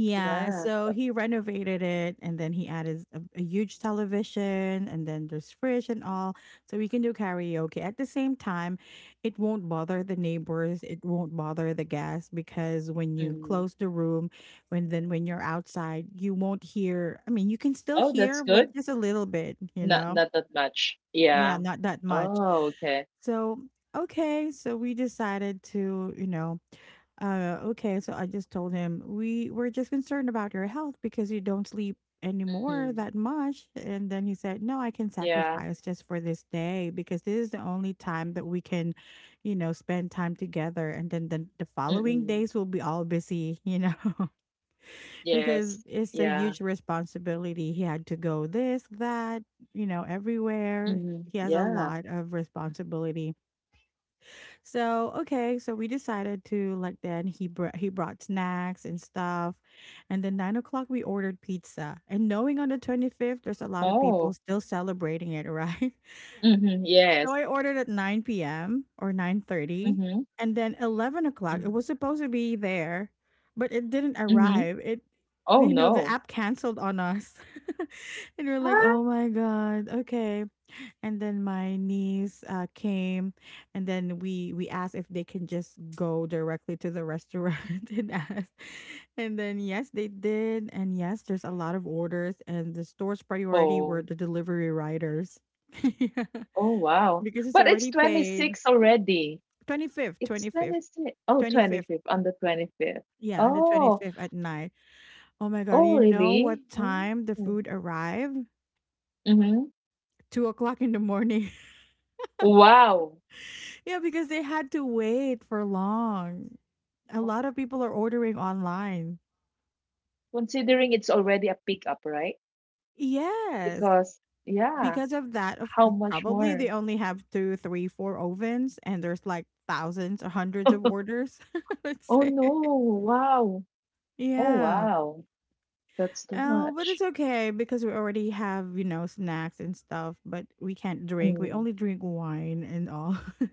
[SPEAKER 1] Yeah,
[SPEAKER 2] Yeah.
[SPEAKER 1] so
[SPEAKER 2] So-
[SPEAKER 1] he renovated it and then he added a huge television, and then there's fridge and all. So we can do karaoke. At the same time, it won't bother the neighbors, it won't bother the guests, because when you
[SPEAKER 2] Mm.
[SPEAKER 1] close the room, when you're outside, you won't hear. I mean, you can still
[SPEAKER 2] Oh, that's
[SPEAKER 1] hear, but
[SPEAKER 2] good.
[SPEAKER 1] just a little bit, you
[SPEAKER 2] Not
[SPEAKER 1] know?
[SPEAKER 2] not that much.
[SPEAKER 1] Yeah,
[SPEAKER 2] Yeah.
[SPEAKER 1] not that much.
[SPEAKER 2] Oh, okay.
[SPEAKER 1] So, okay, so we decided to, okay, so I just told him, we were just concerned about your health because you don't sleep
[SPEAKER 2] Mm.
[SPEAKER 1] anymore that much. And then he said, no, I can
[SPEAKER 2] Yeah.
[SPEAKER 1] sacrifice just for this day because this is the only time that we can, you know, spend time together. And then the following
[SPEAKER 2] Mm-mm.
[SPEAKER 1] days will be all busy, you know, [LAUGHS]
[SPEAKER 2] Yes.
[SPEAKER 1] because it's a
[SPEAKER 2] Yeah.
[SPEAKER 1] huge responsibility. He had to go this, that, you know, everywhere.
[SPEAKER 2] Mm-hmm.
[SPEAKER 1] He has a
[SPEAKER 2] Yeah.
[SPEAKER 1] lot of responsibility. So okay, so we decided to, like, then he brought snacks and stuff, and then 9 o'clock we ordered pizza. And knowing on the 25th, there's a lot of people
[SPEAKER 2] Oh.
[SPEAKER 1] still celebrating it, right? [LAUGHS]
[SPEAKER 2] Mm-hmm.
[SPEAKER 1] So
[SPEAKER 2] Yes.
[SPEAKER 1] I ordered at nine p.m. or 9:30,
[SPEAKER 2] Mm-hmm.
[SPEAKER 1] and then 11 o'clock it was
[SPEAKER 2] Mm-hmm.
[SPEAKER 1] supposed to be there, but it didn't
[SPEAKER 2] Mm-hmm.
[SPEAKER 1] arrive. It
[SPEAKER 2] Oh
[SPEAKER 1] You know, the
[SPEAKER 2] no.
[SPEAKER 1] app canceled on us, [LAUGHS] and we're like,
[SPEAKER 2] Ah.
[SPEAKER 1] oh my god, okay, and then my niece came, and then we asked if they can just go directly to the restaurant [LAUGHS] and ask, and then yes they did, and yes there's a lot of orders, and the store's priority were
[SPEAKER 2] Oh.
[SPEAKER 1] the delivery riders. [LAUGHS] Yeah,
[SPEAKER 2] Oh, wow.
[SPEAKER 1] because it's
[SPEAKER 2] But it's
[SPEAKER 1] already paid.
[SPEAKER 2] 26 already.
[SPEAKER 1] 25th.
[SPEAKER 2] It's
[SPEAKER 1] 25th.
[SPEAKER 2] 26. Oh, twenty
[SPEAKER 1] 25th.
[SPEAKER 2] fifth on the 25th.
[SPEAKER 1] Yeah, on the
[SPEAKER 2] Oh,
[SPEAKER 1] 25th at night. Oh my god,
[SPEAKER 2] oh,
[SPEAKER 1] you know what
[SPEAKER 2] really?
[SPEAKER 1] time the
[SPEAKER 2] Mm-hmm.
[SPEAKER 1] food arrived?
[SPEAKER 2] Mm-hmm.
[SPEAKER 1] 2 o'clock in the morning.
[SPEAKER 2] Wow.
[SPEAKER 1] Yeah, because they had to wait for long. A
[SPEAKER 2] Oh,
[SPEAKER 1] lot of people are ordering online.
[SPEAKER 2] Considering it's already a pickup, right?
[SPEAKER 1] Yes.
[SPEAKER 2] Because, yeah,
[SPEAKER 1] Because of that, of
[SPEAKER 2] how much
[SPEAKER 1] probably they
[SPEAKER 2] more?
[SPEAKER 1] only have two, three, four ovens, and there's like thousands hundreds of
[SPEAKER 2] [LAUGHS]
[SPEAKER 1] orders, [LAUGHS] let's
[SPEAKER 2] Oh,
[SPEAKER 1] say.
[SPEAKER 2] no. Wow. Oh,
[SPEAKER 1] Yeah.
[SPEAKER 2] wow. That's too
[SPEAKER 1] Oh, but
[SPEAKER 2] much.
[SPEAKER 1] it's okay because we already have, you know, snacks and stuff, but we can't drink. We
[SPEAKER 2] Mm.
[SPEAKER 1] only drink wine and all. [LAUGHS]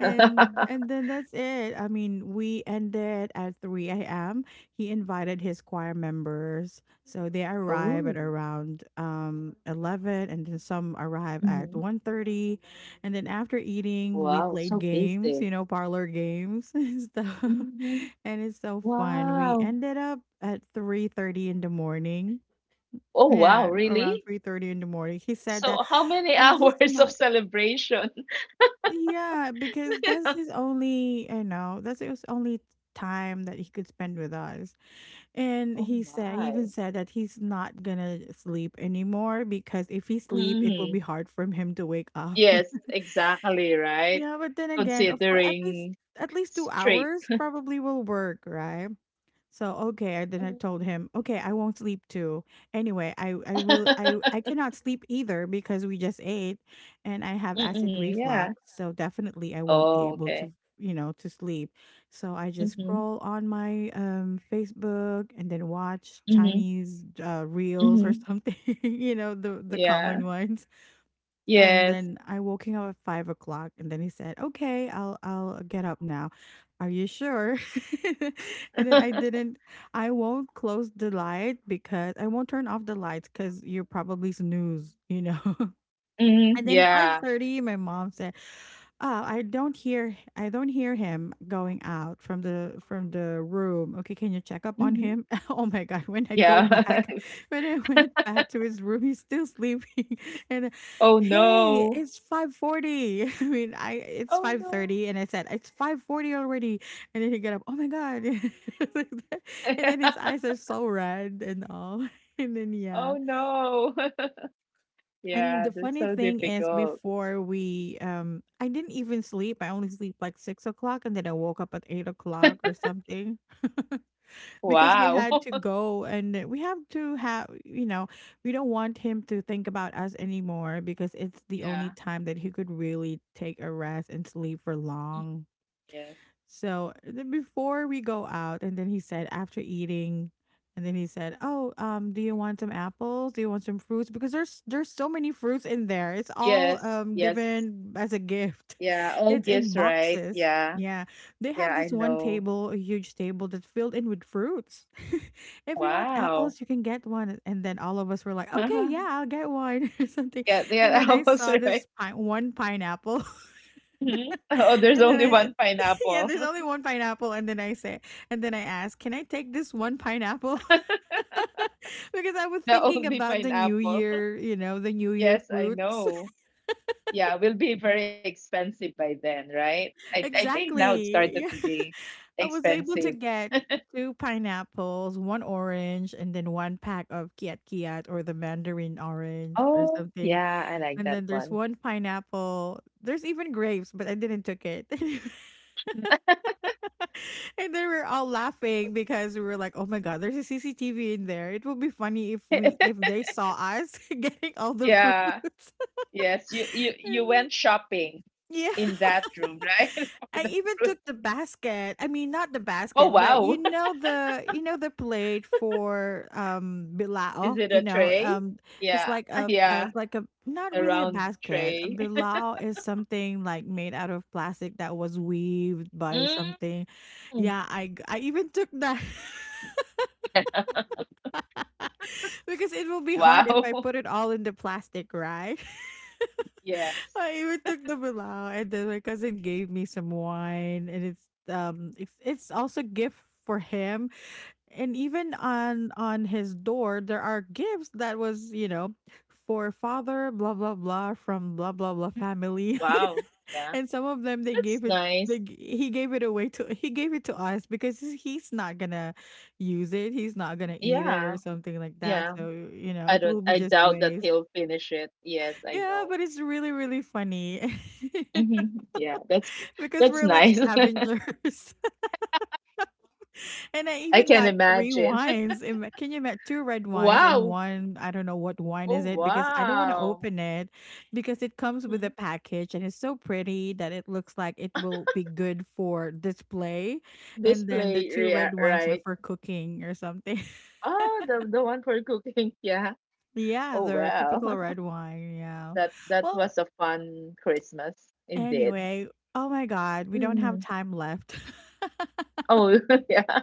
[SPEAKER 1] And and then that's it. I mean, we ended at 3 a.m. He invited his choir members. So they arrive
[SPEAKER 2] Oh,
[SPEAKER 1] at around 11, and then some arrive at
[SPEAKER 2] hmm.
[SPEAKER 1] 1:30. And then after eating, we
[SPEAKER 2] Wow,
[SPEAKER 1] played
[SPEAKER 2] so
[SPEAKER 1] games,
[SPEAKER 2] busy.
[SPEAKER 1] you know, parlor games [LAUGHS] and stuff.
[SPEAKER 2] Hmm.
[SPEAKER 1] And it's so fun. We
[SPEAKER 2] Wow.
[SPEAKER 1] ended up at 3:30 in the morning.
[SPEAKER 2] Oh, wow,
[SPEAKER 1] Yeah, around
[SPEAKER 2] really?
[SPEAKER 1] 3:30 in the morning. He said that
[SPEAKER 2] So how many [LAUGHS]
[SPEAKER 1] I'm just
[SPEAKER 2] hours of
[SPEAKER 1] not
[SPEAKER 2] celebration? [LAUGHS]
[SPEAKER 1] yeah, because that's his only, you know, that's his only time that he could spend with us. And
[SPEAKER 2] Oh
[SPEAKER 1] he said, he even
[SPEAKER 2] my.
[SPEAKER 1] said that he's not gonna sleep anymore because if he sleep, it will be
[SPEAKER 2] Mm.
[SPEAKER 1] hard for him to wake up. [LAUGHS]
[SPEAKER 2] Yes, exactly, right?
[SPEAKER 1] Yeah, but then again, of course,
[SPEAKER 2] Considering
[SPEAKER 1] at least two
[SPEAKER 2] straight.
[SPEAKER 1] hours probably will work, right? So okay, I then I
[SPEAKER 2] Mm.
[SPEAKER 1] told him, okay, I won't sleep too. Anyway, I will
[SPEAKER 2] [LAUGHS]
[SPEAKER 1] I cannot sleep either because we just ate, and I have
[SPEAKER 2] Mm-mm,
[SPEAKER 1] acid
[SPEAKER 2] yeah.
[SPEAKER 1] reflux, so definitely I won't be
[SPEAKER 2] Oh,
[SPEAKER 1] able
[SPEAKER 2] okay.
[SPEAKER 1] to, you know, to sleep. So I just
[SPEAKER 2] Mm-hmm.
[SPEAKER 1] scroll on my Facebook and then watch
[SPEAKER 2] Mm-hmm.
[SPEAKER 1] Chinese reels or
[SPEAKER 2] Mm-hmm.
[SPEAKER 1] something, [LAUGHS] you know, the
[SPEAKER 2] Yeah.
[SPEAKER 1] common ones. And
[SPEAKER 2] Yes.
[SPEAKER 1] then I woke him up at 5 o'clock, and then he said, "Okay, I'll get up now. Are you sure?" [LAUGHS] And
[SPEAKER 2] [LAUGHS]
[SPEAKER 1] then I didn't. I won't turn off the lights because you're probably snooze, you know.
[SPEAKER 2] Mm-hmm.
[SPEAKER 1] And then
[SPEAKER 2] Yeah.
[SPEAKER 1] 5:30, my mom said, "Oh, I don't hear him going out from the room. Okay, can you check up on
[SPEAKER 2] Mm-hmm.
[SPEAKER 1] him?" [LAUGHS] Oh my god, when I go
[SPEAKER 2] Yeah.
[SPEAKER 1] back,
[SPEAKER 2] [LAUGHS]
[SPEAKER 1] [LAUGHS] when I went back to his room, he's still sleeping. [LAUGHS] And
[SPEAKER 2] Oh
[SPEAKER 1] hey,
[SPEAKER 2] no.
[SPEAKER 1] it's 5:40. [LAUGHS] I mean, I it's
[SPEAKER 2] Oh no.
[SPEAKER 1] 5:30, and I said, "It's 5:40 already." And then he get up, "Oh my god." [LAUGHS] Like that. And then his
[SPEAKER 2] [LAUGHS]
[SPEAKER 1] eyes are so red and all. [LAUGHS] And then
[SPEAKER 2] Oh
[SPEAKER 1] yeah.
[SPEAKER 2] no. [LAUGHS]
[SPEAKER 1] And
[SPEAKER 2] Yeah,
[SPEAKER 1] the
[SPEAKER 2] that's
[SPEAKER 1] funny
[SPEAKER 2] so
[SPEAKER 1] thing is,
[SPEAKER 2] difficult.
[SPEAKER 1] I didn't even sleep. I only sleep like 6 o'clock, and then I woke up at 8 o'clock or something, [LAUGHS] because we
[SPEAKER 2] Wow.
[SPEAKER 1] had to
[SPEAKER 2] [LAUGHS]
[SPEAKER 1] go, and we have to have, you know, we don't want him to think about us anymore because it's the only
[SPEAKER 2] Yeah.
[SPEAKER 1] time that he could really take a rest and sleep for long.
[SPEAKER 2] Yes.
[SPEAKER 1] So then before we go out, and then he said, "Oh, do you want some apples? Do you want some fruits? Because there's so many fruits in there. It's all
[SPEAKER 2] Yes, yes.
[SPEAKER 1] given as a gift.
[SPEAKER 2] Yeah,
[SPEAKER 1] [LAUGHS]
[SPEAKER 2] all
[SPEAKER 1] It's in
[SPEAKER 2] gifts, right?
[SPEAKER 1] boxes.
[SPEAKER 2] Yeah.
[SPEAKER 1] Yeah, they
[SPEAKER 2] Yeah,
[SPEAKER 1] have
[SPEAKER 2] I
[SPEAKER 1] this one
[SPEAKER 2] know.
[SPEAKER 1] table, a huge table that's filled in with fruits. [LAUGHS] If you want
[SPEAKER 2] Wow.
[SPEAKER 1] apples, you can get one." And then all of us were like, "Okay, yeah,
[SPEAKER 2] [LAUGHS]
[SPEAKER 1] I'll get one [LAUGHS] or something."
[SPEAKER 2] Yeah,
[SPEAKER 1] And
[SPEAKER 2] yeah, [LAUGHS]
[SPEAKER 1] then
[SPEAKER 2] I
[SPEAKER 1] I
[SPEAKER 2] was
[SPEAKER 1] saw this
[SPEAKER 2] right.
[SPEAKER 1] one pineapple.
[SPEAKER 2] Mhm. Oh, there's
[SPEAKER 1] And then
[SPEAKER 2] only one
[SPEAKER 1] I, [LAUGHS] Yeah,
[SPEAKER 2] pineapple.
[SPEAKER 1] there's only
[SPEAKER 2] [LAUGHS]
[SPEAKER 1] one pineapple. And then I ask, can I take this one pineapple? [LAUGHS] Because I was
[SPEAKER 2] The
[SPEAKER 1] thinking
[SPEAKER 2] only
[SPEAKER 1] about the new
[SPEAKER 2] pineapple. [LAUGHS]
[SPEAKER 1] year, you know, the new year
[SPEAKER 2] Yes, I
[SPEAKER 1] fruits.
[SPEAKER 2] know. Yeah, will be very expensive by then, right? I
[SPEAKER 1] [LAUGHS]
[SPEAKER 2] I think now it started
[SPEAKER 1] Exactly.
[SPEAKER 2] to
[SPEAKER 1] Yeah.
[SPEAKER 2] be
[SPEAKER 1] [LAUGHS] I was able
[SPEAKER 2] expensive.
[SPEAKER 1] to get two pineapples, one orange, and then one pack of kiat kiat or the mandarin orange or
[SPEAKER 2] Oh,
[SPEAKER 1] something.
[SPEAKER 2] yeah, I like
[SPEAKER 1] And
[SPEAKER 2] that
[SPEAKER 1] then there's
[SPEAKER 2] one.
[SPEAKER 1] one pineapple. There's even grapes, but I didn't took it. [LAUGHS] And then we're all laughing because we were like, "Oh my god, there's a CCTV in there. It would be funny if we if
[SPEAKER 2] [LAUGHS]
[SPEAKER 1] they saw us [LAUGHS] getting all the
[SPEAKER 2] Yeah.
[SPEAKER 1] fruits." [LAUGHS]
[SPEAKER 2] Yes, you
[SPEAKER 1] And then-
[SPEAKER 2] went shopping
[SPEAKER 1] yeah,
[SPEAKER 2] in
[SPEAKER 1] [LAUGHS]
[SPEAKER 2] that room, right? [LAUGHS] For
[SPEAKER 1] I
[SPEAKER 2] the
[SPEAKER 1] even took
[SPEAKER 2] fruit.
[SPEAKER 1] the basket. I mean, not the
[SPEAKER 2] Oh,
[SPEAKER 1] basket, but
[SPEAKER 2] wow.
[SPEAKER 1] you know the plate for
[SPEAKER 2] Is
[SPEAKER 1] bilao.
[SPEAKER 2] it
[SPEAKER 1] You
[SPEAKER 2] a
[SPEAKER 1] know,
[SPEAKER 2] tray? Yeah. [LAUGHS] Yeah,
[SPEAKER 1] it's like a not
[SPEAKER 2] the
[SPEAKER 1] really a
[SPEAKER 2] round
[SPEAKER 1] basket. A
[SPEAKER 2] tray. [LAUGHS]
[SPEAKER 1] bilao is something like made out of plastic that was weaved by something.
[SPEAKER 2] Mm.
[SPEAKER 1] Yeah, I even took that. [LAUGHS] Because it will be hard if I
[SPEAKER 2] Wow.
[SPEAKER 1] put
[SPEAKER 2] [LAUGHS]
[SPEAKER 1] it all in the plastic, right?
[SPEAKER 2] Yes.
[SPEAKER 1] [LAUGHS] I even took the bilao, and then my cousin gave me some wine, and it's also gift for him, and even on his door there are gifts that was, you know, for father blah blah blah from blah blah blah
[SPEAKER 2] Mm,
[SPEAKER 1] family.
[SPEAKER 2] wow.
[SPEAKER 1] [LAUGHS]
[SPEAKER 2] Yeah.
[SPEAKER 1] And some of them they
[SPEAKER 2] That's
[SPEAKER 1] gave it
[SPEAKER 2] nice.
[SPEAKER 1] they, g- he gave it away to he gave it to us because he's not gonna use it, he's not gonna eat it
[SPEAKER 2] Yeah.
[SPEAKER 1] or something like that,
[SPEAKER 2] Yeah.
[SPEAKER 1] so you know
[SPEAKER 2] I
[SPEAKER 1] it
[SPEAKER 2] don't
[SPEAKER 1] will be
[SPEAKER 2] I
[SPEAKER 1] just
[SPEAKER 2] doubt that
[SPEAKER 1] waste.
[SPEAKER 2] he'll finish it. Yes, I
[SPEAKER 1] Yeah,
[SPEAKER 2] know.
[SPEAKER 1] but it's really really funny
[SPEAKER 2] Hmm.
[SPEAKER 1] [LAUGHS]
[SPEAKER 2] Yeah,
[SPEAKER 1] because
[SPEAKER 2] that's
[SPEAKER 1] we're like
[SPEAKER 2] nice. [LAUGHS]
[SPEAKER 1] scavengers. And I
[SPEAKER 2] I
[SPEAKER 1] even
[SPEAKER 2] can
[SPEAKER 1] got 3
[SPEAKER 2] imagine.
[SPEAKER 1] wines. Ima can you ima 2 red
[SPEAKER 2] [LAUGHS]
[SPEAKER 1] wines and
[SPEAKER 2] Wow.
[SPEAKER 1] 1, I don't know what wine
[SPEAKER 2] Oh
[SPEAKER 1] is it because I don't wanna
[SPEAKER 2] wow.
[SPEAKER 1] open it because it comes with a
[SPEAKER 2] Mhm.
[SPEAKER 1] package and it's so pretty that it looks like it will be good for display. And then the
[SPEAKER 2] Display
[SPEAKER 1] 2
[SPEAKER 2] rea
[SPEAKER 1] red wines are
[SPEAKER 2] right.
[SPEAKER 1] for cooking or something. [LAUGHS]
[SPEAKER 2] Oh, the one for cooking. [LAUGHS] Yeah.
[SPEAKER 1] Yeah,
[SPEAKER 2] Oh
[SPEAKER 1] the
[SPEAKER 2] wow.
[SPEAKER 1] typical red wine, yeah.
[SPEAKER 2] That that
[SPEAKER 1] Well,
[SPEAKER 2] was a fun Christmas indeed.
[SPEAKER 1] anyway, oh my god, we don't have
[SPEAKER 2] Mm.
[SPEAKER 1] time left. [LAUGHS]
[SPEAKER 2] Oh, [LAUGHS] yeah.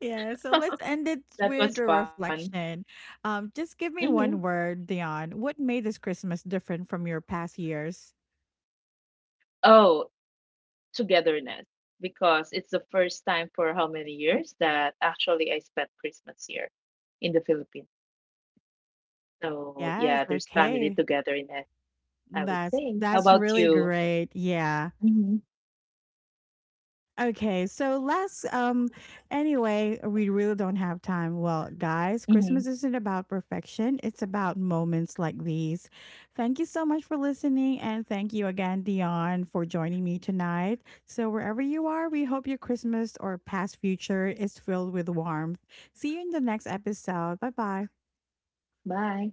[SPEAKER 1] Yeah, so let's end it
[SPEAKER 2] That
[SPEAKER 1] with
[SPEAKER 2] was
[SPEAKER 1] a
[SPEAKER 2] fun.
[SPEAKER 1] reflection. Just give me
[SPEAKER 2] Hmm.
[SPEAKER 1] one word, Dion. What made this Christmas different from your past years?
[SPEAKER 2] Oh, togetherness because it's the first time for how many years that actually I spent Christmas here in the Philippines. So,
[SPEAKER 1] Yes,
[SPEAKER 2] yeah, there's family
[SPEAKER 1] okay.
[SPEAKER 2] togetherness, I would
[SPEAKER 1] That's
[SPEAKER 2] say. How
[SPEAKER 1] that's
[SPEAKER 2] about
[SPEAKER 1] really
[SPEAKER 2] you?
[SPEAKER 1] great. Yeah.
[SPEAKER 2] Hmm.
[SPEAKER 1] Okay, so last we really don't have time. Well, guys,
[SPEAKER 2] Hmm.
[SPEAKER 1] Christmas isn't about perfection. It's about moments like these. Thank you so much for listening, and thank you again, Dion, for joining me tonight. So wherever you are, we hope your Christmas or past future is filled with warmth. See you in the next episode. Bye-bye.
[SPEAKER 2] Bye.